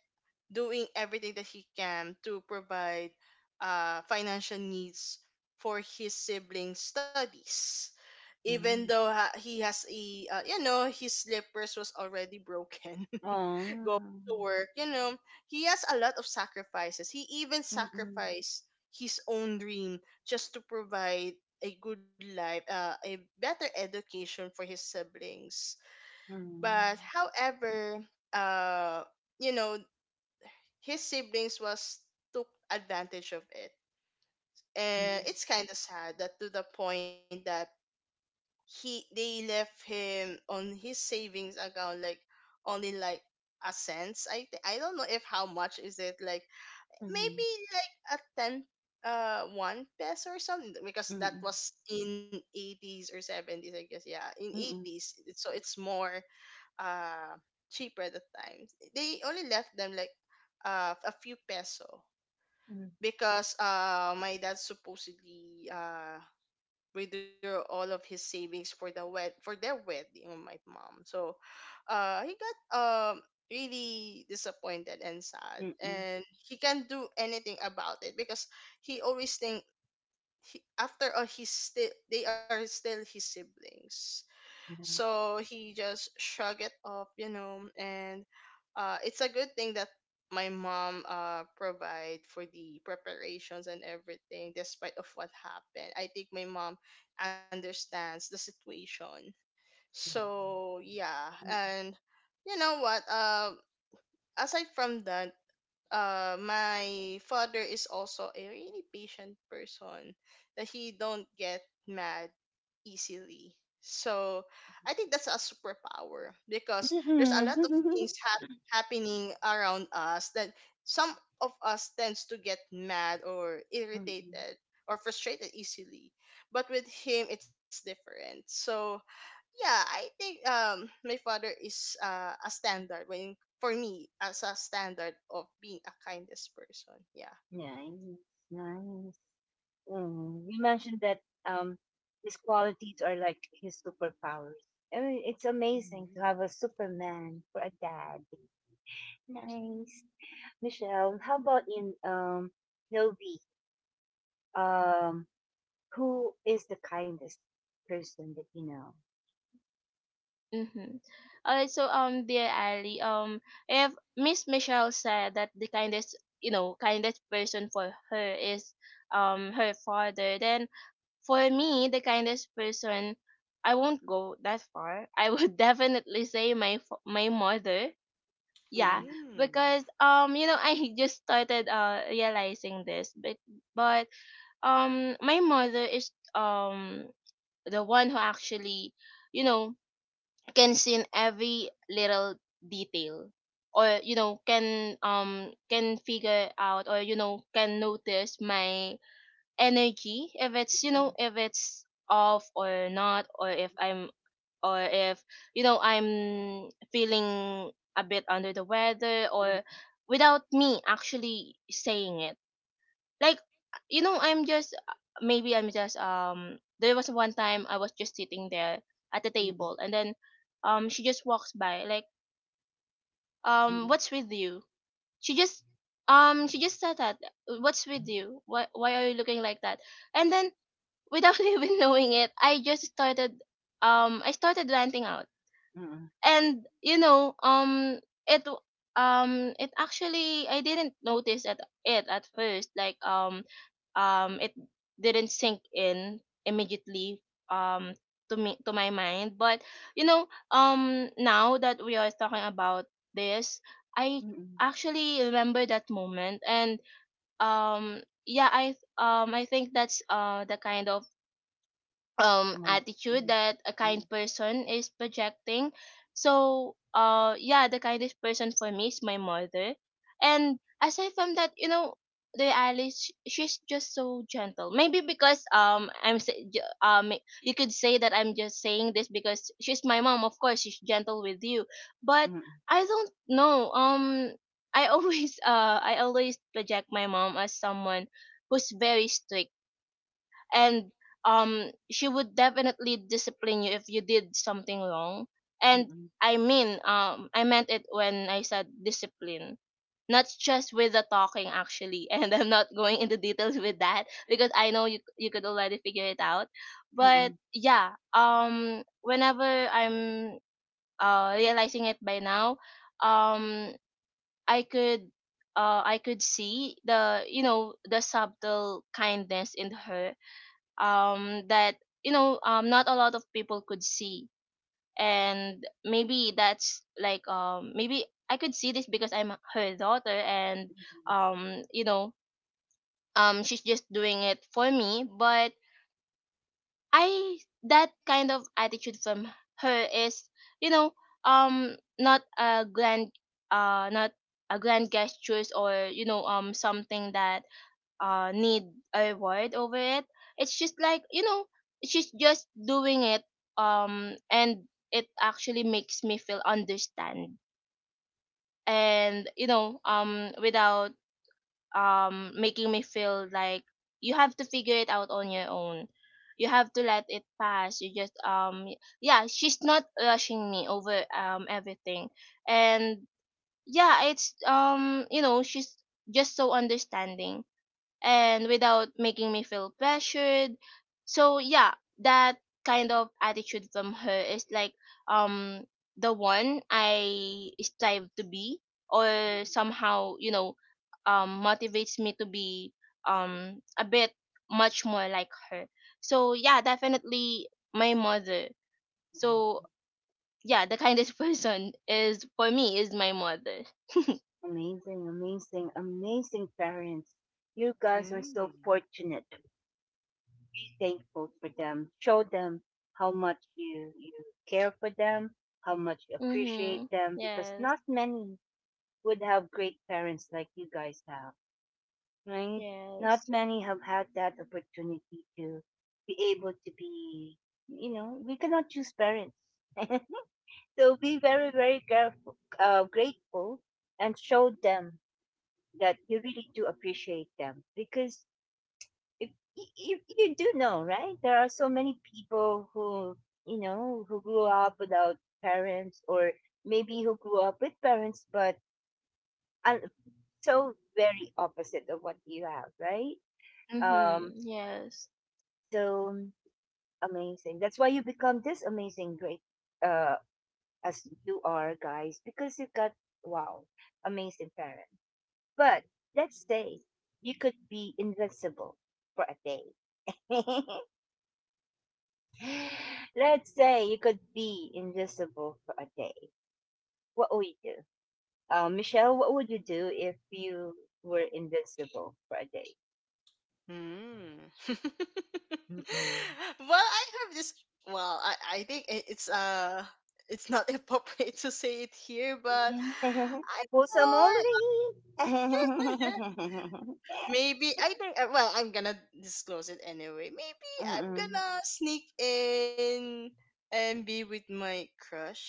Speaker 2: doing everything that he can to provide financial needs for his siblings studies, even though
Speaker 1: mhm.
Speaker 2: he has a, you know, his slippers was already broken going to
Speaker 1: Oh,
Speaker 2: work, you know. He has a lot of sacrifices. He even
Speaker 1: mhm, mhm,
Speaker 2: sacrificed his own dream just to provide a good life, a better education for his siblings, but
Speaker 1: mhm,
Speaker 2: however, uh you know, his siblings was took advantage of it, and it's kind of sad that to the point that he they left him on his savings account, like only like a cents. I don't know if how much is it, like maybe
Speaker 1: mhm,
Speaker 2: like a 10, one peso or something, because that
Speaker 1: mhm,
Speaker 2: was in '80s or '70s, I guess. Yeah, in '80s, so it's more uh cheaper at the time. They only left them like a few peso
Speaker 1: mhm,
Speaker 2: because my dad supposedly withdrew all of his savings for the wed for their wedding of my mom. So he got um really disappointed and sad,
Speaker 1: mhm, mhm,
Speaker 2: and he can't do anything about it because he always think, he, after all, he's still they are still his siblings, so he just shrugged it off, you know. And it's a good thing that my mom provide for the preparations and everything despite of what happened. I think my mom understands the situation,
Speaker 1: yeah.
Speaker 2: so yeah. And you know what, aside from that, my father is also a really patient person, that he don't get mad easily. So I think that's a superpower, because there's a lot
Speaker 1: Mm-mm.
Speaker 2: of things happening around us, that some of us tends to get mad or
Speaker 1: Mm-mm.
Speaker 2: irritated or frustrated easily, but with him it's different. So yeah, I think my father is a standard when for me as a standard of being a kindest person. Yeah.
Speaker 1: Nice, nice. Mm. You mentioned that, um, his qualities are like his superpowers. I mean, it's amazing to have a Superman for a dad. Nice, Michelle. How about in Nobi? Um, who is the kindest person that you know?
Speaker 3: Mm-hmm. All right, so dear Ali, if Miss Michelle said that the kindest, you know, kindest person for her is her father, then for me, the kindest person, I won't go that far. I would definitely say my my mother. Yeah,
Speaker 1: Mm-mm.
Speaker 2: Mm.
Speaker 3: because you know, I just started realizing this, but but my mother is the one who actually, you know, can see in every little detail, or you know, can figure out, or you know, can notice my energy if it's, you
Speaker 1: Mm-mm.
Speaker 3: know, if it's off or not, or if I'm or if, you know, I'm feeling a bit under the weather, or without me actually saying it. Like, you know, I'm just, maybe I'm just there was one time I was just sitting there at the
Speaker 1: Mm-mm.
Speaker 3: table, and then she just walks by like,
Speaker 1: Mm-mm.
Speaker 3: what's with you. She just she just said that, what's with you, why are you looking like that? And then, without even knowing it, I just started I started ranting out. And you know, it w- it actually, I didn't notice at it at first, like it didn't sink in immediately um to me, to my mind. But you know, now that we are talking about this, I
Speaker 1: Mm-mm.
Speaker 3: actually remember that moment. And yeah, I think that's the kind of
Speaker 1: Mm-mm.
Speaker 3: attitude that a
Speaker 1: Mm-mm.
Speaker 3: kind person is projecting. So yeah, the kindest person for me is my mother. And aside from that, you know, the Alice, she's just so gentle. Maybe because I'm you could say that I'm just saying this because she's my mom, of course she's gentle with you. But
Speaker 1: Mm-mm.
Speaker 3: I don't know, I always I always project my mom as someone who's very strict. And she would definitely discipline you if you did something wrong. And
Speaker 1: Mm-mm.
Speaker 3: I mean, I meant it when I said discipline, not just with the talking, actually. And I'm not going into details with that, because I know you, you could already figure it out. But
Speaker 1: Mm-mm.
Speaker 3: yeah, whenever I'm realizing it by now, um I could, I could see, the you know, the subtle kindness in her, that, you know, not a lot of people could see. And maybe that's like, maybe I could see this because I'm her daughter. And
Speaker 1: Mm-mm.
Speaker 3: you know, she's just doing it for me. But I, that kind of attitude from her is, you know, not a grand, not a grand gestures, or you know, something that need a reward over it. It's just like, you know, she's just doing it. And it actually makes me feel understand. And you know, without making me feel like you have to figure it out on your own, you have to let it pass. You just yeah, she's not rushing me over everything. And yeah, it's you know, she's just so understanding, and without making me feel pressured. So yeah, that kind of attitude from her is like um the one I strive to be, or somehow, you know, motivates me to be a bit much more like her. So yeah, definitely my mother. So yeah, the kindest person is, for me, is my mother.
Speaker 1: Amazing, amazing, amazing parents. You guys are so
Speaker 2: Mm.
Speaker 1: fortunate. Be thankful for them. Show them how much you care for them, how much you appreciate
Speaker 3: Mhm.
Speaker 1: them, because
Speaker 3: Yes.
Speaker 1: not many would have great parents like you guys have, right? Not
Speaker 3: Yes.
Speaker 1: many have had that opportunity to be able to be. We cannot choose parents. So be very, very careful, grateful, and show them that you really do appreciate them, because if you do know, right, there are so many people who who grew up without parents, or maybe who grew up with parents but are so very opposite of what you have, right?
Speaker 3: Mhm.
Speaker 1: um
Speaker 3: Yes.
Speaker 1: so amazing, that's why you become this amazing, great, uh as you are, guys, because you've got, wow, amazing parents. But let's say you could be invincible for a day. Let's say you could be invisible for a day. What would you do? Michelle, what would you do if you were invisible for a day?
Speaker 2: Mm.
Speaker 1: Mm-mm.
Speaker 2: Well, I have this. Well, I think it's not appropriate to say it here, but I'm
Speaker 1: Wholesome
Speaker 2: more.
Speaker 1: only.
Speaker 2: Maybe I think well, I'm gonna disclose it anyway. Maybe I'm
Speaker 1: Mm-mm.
Speaker 2: gonna sneak in and be with my crush.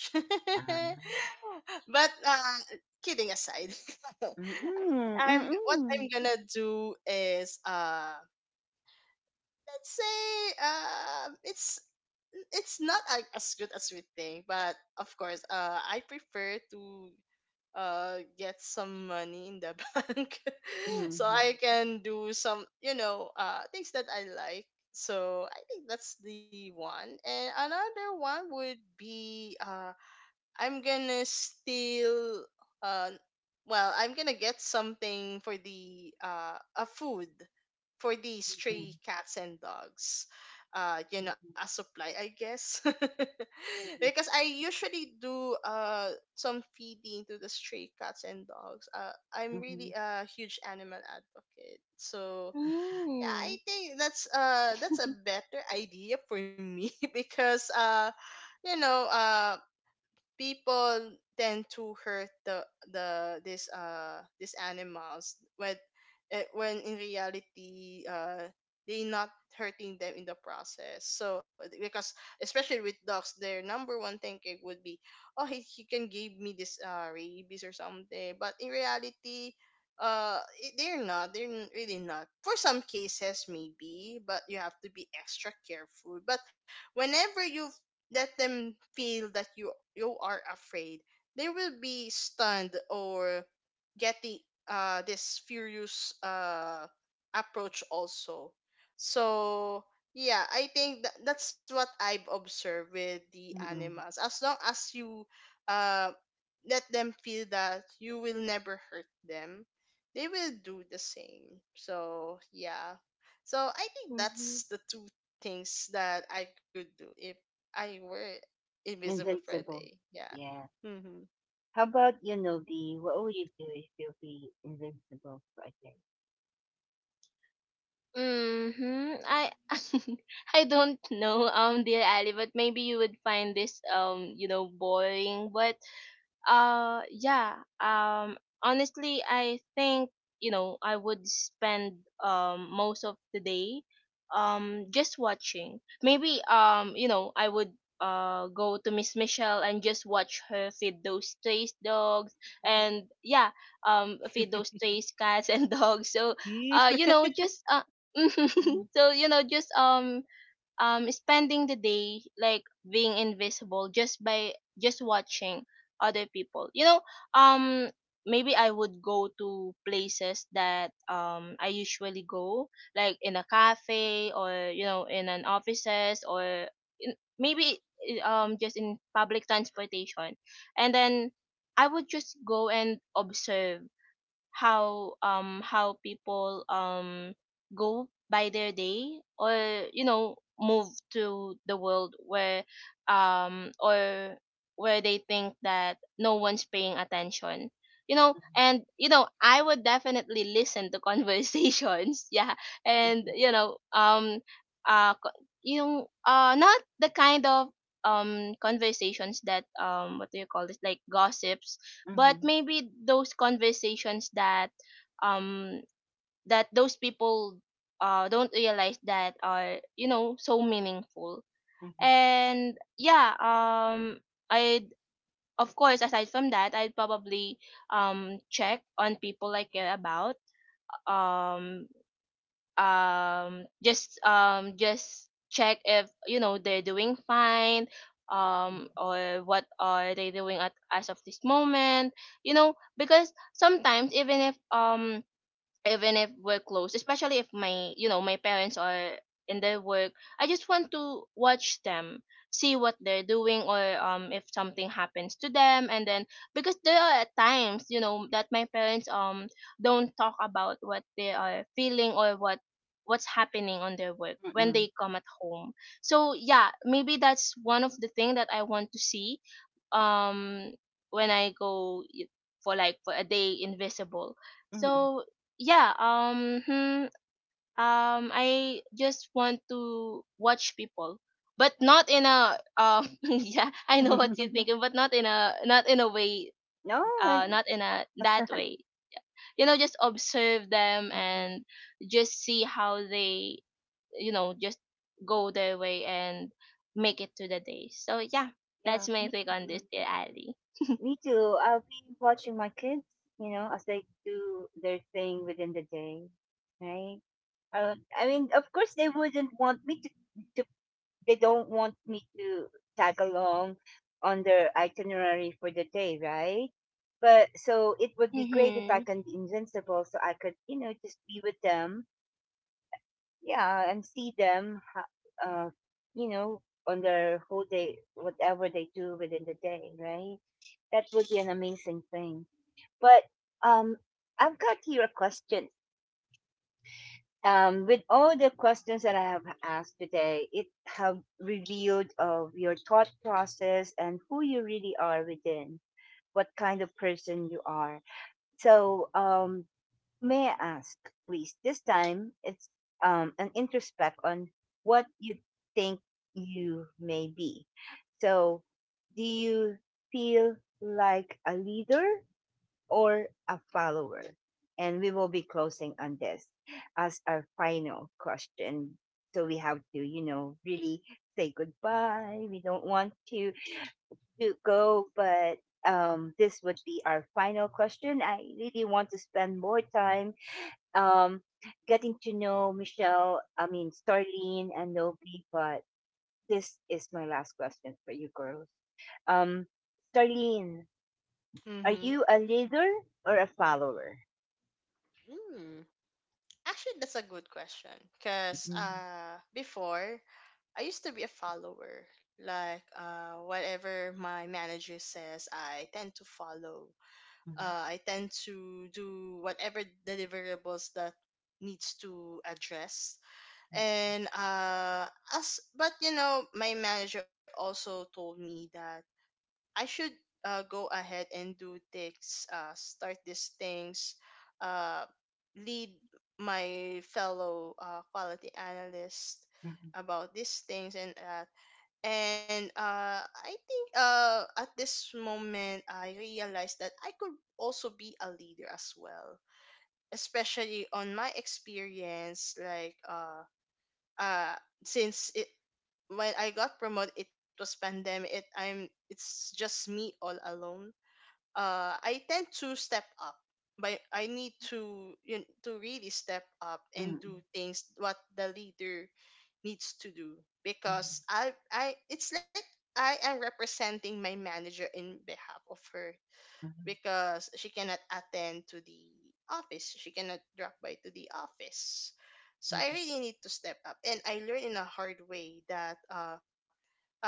Speaker 1: Uh,
Speaker 2: But kidding aside,
Speaker 1: Mm-mm.
Speaker 2: I'm what I'm
Speaker 1: Mm-mm.
Speaker 2: gonna do is let's say it's not as good as we think, but of course I prefer to get some money in the bank so
Speaker 1: Mm-mm.
Speaker 2: I can do some things that I like. So I think that's the one, and another one would be I'm gonna steal uh well, I'm gonna get something for the a food for the stray cats and dogs. You know, a supply, I guess. Because I usually do some feeding to the stray cats and dogs.
Speaker 1: Mm-mm.
Speaker 2: I'm
Speaker 1: Mm-mm.
Speaker 2: really a huge animal advocate. So yeah, I
Speaker 3: Mm.
Speaker 2: think that's a better idea for me because you know uh people tend to hurt the this these animals when when in reality they not hurting them in the process. So because especially with dogs, their number one thinking would be oh, he can give me this rabies or something. But in reality, they're not, they're n- really not, for some cases maybe, but you have to be extra careful. But whenever you let them feel that you are afraid, they will be stunned or getting this furious approach also. So yeah, I think that's what I've observed with the
Speaker 1: Mm-mm.
Speaker 2: animals. As long as you uh let them feel that you will never hurt them, they will do the same. So yeah. So I think
Speaker 3: Mm-hmm.
Speaker 2: that's the two things that I could do if I were Invisible Friday.
Speaker 1: Invincible.
Speaker 2: Yeah.
Speaker 1: Yeah.
Speaker 2: Mm-hmm.
Speaker 1: How about you, Novi? What would you do if you be invincible for a day?
Speaker 3: Mm-hmm. I I don't know, dear Ali, but maybe you would find this you know, boring. But yeah. Honestly I think, you know, I would spend most of the day just watching. Maybe you know, I would go to Miss Michelle and just watch her feed those stray dogs. And yeah, feed those stray cats and dogs. So
Speaker 2: Mm.
Speaker 3: you know, just
Speaker 1: Mhm,
Speaker 3: so you know just spending the day like being invisible, just by just watching other people um Maybe I would go to places that I usually go, like in a cafe or, you know, in an offices or in, maybe just in public transportation, and then I would just go and observe how people go by their day, or, you know, move to the world where or where they think that no one's paying attention, you know. And you know I would definitely listen to conversations yeah and
Speaker 1: mhm,
Speaker 3: you know uh co- yung, not the kind of conversations that, um, what do you call this, like gossips, but
Speaker 1: mhm,
Speaker 3: maybe those conversations that um that those people don't realize that are, you know, so meaningful.
Speaker 1: mhm,
Speaker 3: And i, of course, aside from that, I'd probably check on people I care about um just check if, you know, they're doing fine, or what are they doing at as of this moment, you know. Because sometimes, even if we're close, especially if my, you know, my parents are in their work, I just want to watch them, see what they're doing, or if something happens to them. And then, because there are times, you know, that my parents don't talk about what they are feeling or what what's happening on their work when
Speaker 1: mhm,
Speaker 3: they come at home. So yeah, maybe that's one of the thing that I want to see, um when I go for, like, for a day invisible.
Speaker 1: mhm,
Speaker 3: So yeah, I just want to watch people, but not in a yeah, I know what you're
Speaker 1: mhm.
Speaker 3: thinking, but not in a way,
Speaker 1: No, I,
Speaker 3: not in a that way. You know, just observe them
Speaker 1: mhm,
Speaker 3: and just see how they, you know, just go their way and make it to the day. So yeah,
Speaker 1: yeah,
Speaker 3: that's my
Speaker 1: me
Speaker 3: take on
Speaker 1: too.
Speaker 3: this, dear Ali.
Speaker 1: Me too. I'll be watching my kids, as they do their thing within the day, right? I mean, of course, they wouldn't want me to to tag along on their itinerary for the day, right? But so it would be great if I
Speaker 3: Mhm.
Speaker 1: can be invincible, so I could, just be with them, yeah, and see them, you know, on their whole day, whatever they do within the day, right? That would be an amazing thing. But, um, I've got here a question, with all the questions that I have asked today, it have revealed of your thought process and who you really are within, what kind of person you are. So, may I ask, please? This time, it's, an introspect on what you think you may be. So, do you feel like a leader or a follower? And we will be closing on this as our final question. So we have to, really say goodbye. We don't want to go, but, this would be our final question. I really want to spend more time, um, getting to know Michelle, I mean, Starlene and Novi, but this is my last question for you girls. Um, Starlene, are
Speaker 2: Mm-hmm.
Speaker 1: you a leader or a follower?
Speaker 2: Hmm. Actually, that's a good question. Cause before, I used to be a follower. Like whatever my manager says, I tend to follow.
Speaker 1: Mhm,
Speaker 2: I tend to do whatever deliverables that needs to address. And as but you know, my manager also told me that I should go ahead and do things. Uh, start these things, uh, lead my fellow quality analyst
Speaker 1: hmm,
Speaker 2: about these things. And I think at this moment I realized that I could also be a leader as well, especially on my experience, like uh since it when I got promoted it was pandemic, I'm it's just me all alone. I tend to step up, but I need to, you know, to really step up and
Speaker 1: mhm,
Speaker 2: do things what the leader needs to do.
Speaker 1: mm,
Speaker 2: Because I it's like I am representing my manager in behalf of her,
Speaker 1: mhm,
Speaker 2: because she cannot attend to the office. She cannot drop by to the office. So I
Speaker 1: mhm,
Speaker 2: really need to step up. And I learned in a hard way that uh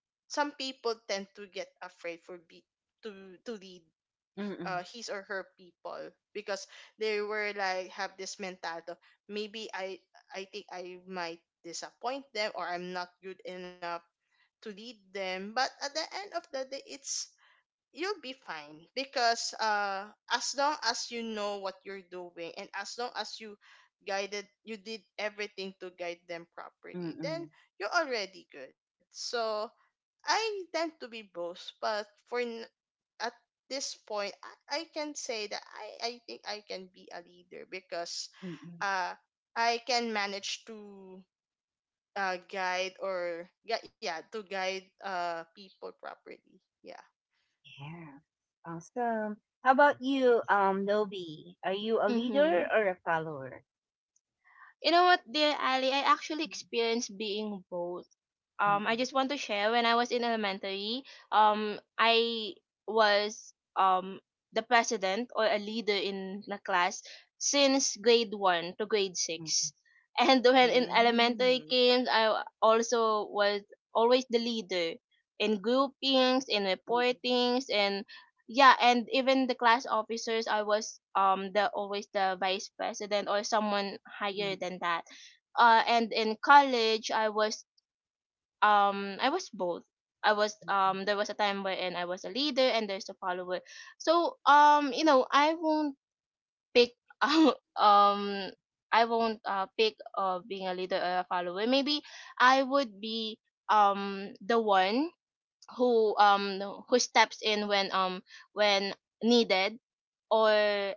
Speaker 2: some people tend to get afraid for be to lead
Speaker 1: mhm,
Speaker 2: his or her people because they were like have this mentality of, maybe I think I might disappoint them or I'm not good enough to lead them. But at the end of the day, it's you'll be fine, because as long as you know what you're doing and as long as you guided you did everything to guide them
Speaker 1: mm,
Speaker 2: properly, then
Speaker 1: mm,
Speaker 2: you're already good. So I tend to be both, but for n- at this point, I can say that I think I can be a leader, because
Speaker 1: mm, mm.
Speaker 2: uh I can manage to guide, or yeah, yeah, to guide people properly. Yeah.
Speaker 1: Yeah. Awesome. How about you, Nobi? Are you a
Speaker 3: Mhm.
Speaker 1: leader or a follower?
Speaker 3: You know what, dear Ali? I actually
Speaker 1: Mm,
Speaker 3: experienced being both. I just want to share, when I was in elementary, I was the president or a leader in the class since grade one to grade
Speaker 1: mm,
Speaker 3: six. And when in elementary
Speaker 2: Mm.
Speaker 3: came, I also was always the leader in groupings, in
Speaker 1: mm, mm,
Speaker 3: reportings, and yeah. And even the class officers, I was the always the vice president or someone higher
Speaker 1: mm,
Speaker 3: than that. And in college, I was both. I was,
Speaker 1: mm,
Speaker 3: um, there was a time wherein I was a leader and there's a follower. So you know, I won't pick. um I won't pick being a leader or a follower. Maybe I would be the one who um who steps in when needed, or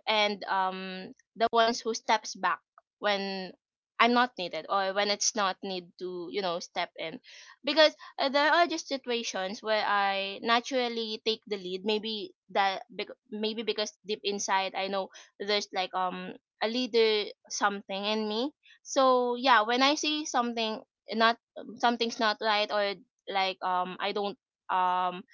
Speaker 3: and the ones who steps back when I'm not needed, or when it's not need to, you know, step in. Because, there are just situations where I naturally take the lead, maybe that maybe because deep inside I know there's like a leader something in me. So yeah, when I see something not something's not right, or like I don't um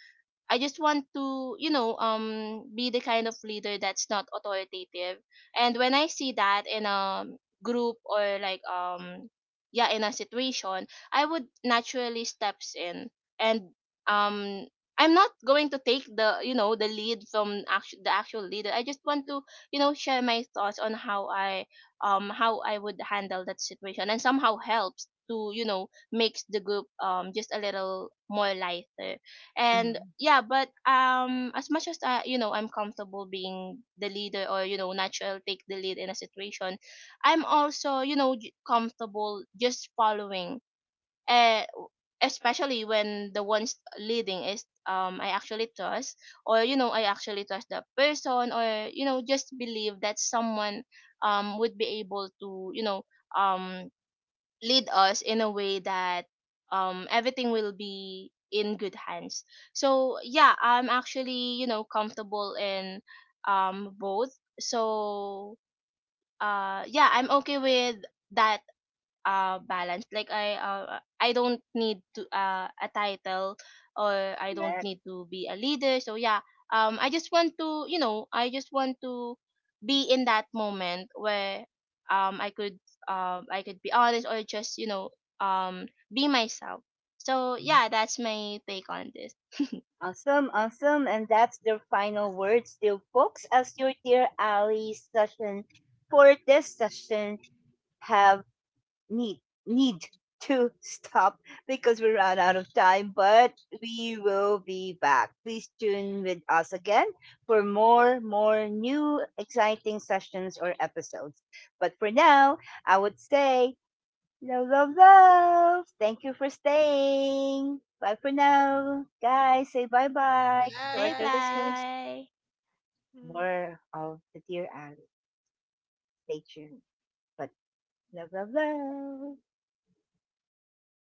Speaker 3: I just want to, you know, be the kind of leader that's not authoritative. And when I see that in a group, or like yeah, in a situation, I would naturally steps in. And um I'm not going to take the, you know, the lead from the actual leader. I just want to, you know, share my thoughts on how i, how I would handle that situation and somehow helps to, you know, makes the group just a little more lighter. And
Speaker 1: mm.
Speaker 3: yeah, but as much as i, you know, I'm comfortable being the leader, or, you know, natural take the lead in a situation, I'm also, you know, comfortable just following. Uh, especially when the ones leading is I actually trust, or, you know, I actually trust the person, or, you know, just believe that someone would be able to, you know, um lead us in a way that everything will be in good hands. So yeah, I'm actually, you know, comfortable in both. So yeah, I'm okay with that. Balanced, like i, I don't need to, a title, or I don't
Speaker 1: Correct.
Speaker 3: need to be a leader. So yeah, I just want to, you know, I just want to be in that moment where I could, I could be honest, or just, you know, um be myself. So yeah, that's my take on this.
Speaker 1: Awesome, awesome. And that's the final word still, folks, as your dear Ali session for this session. Have need need to stop because we ran out of time, but we will be back. Please tune with us again for more new exciting sessions or episodes. But for now, I would say love, love, love. Thank you for staying. Bye for now, guys. Say bye bye to our
Speaker 3: Bye
Speaker 1: dear
Speaker 2: Bye.
Speaker 1: listeners.
Speaker 3: bye.
Speaker 2: Mm.
Speaker 1: More of the dear Alice. Stay tuned. But love, love, love.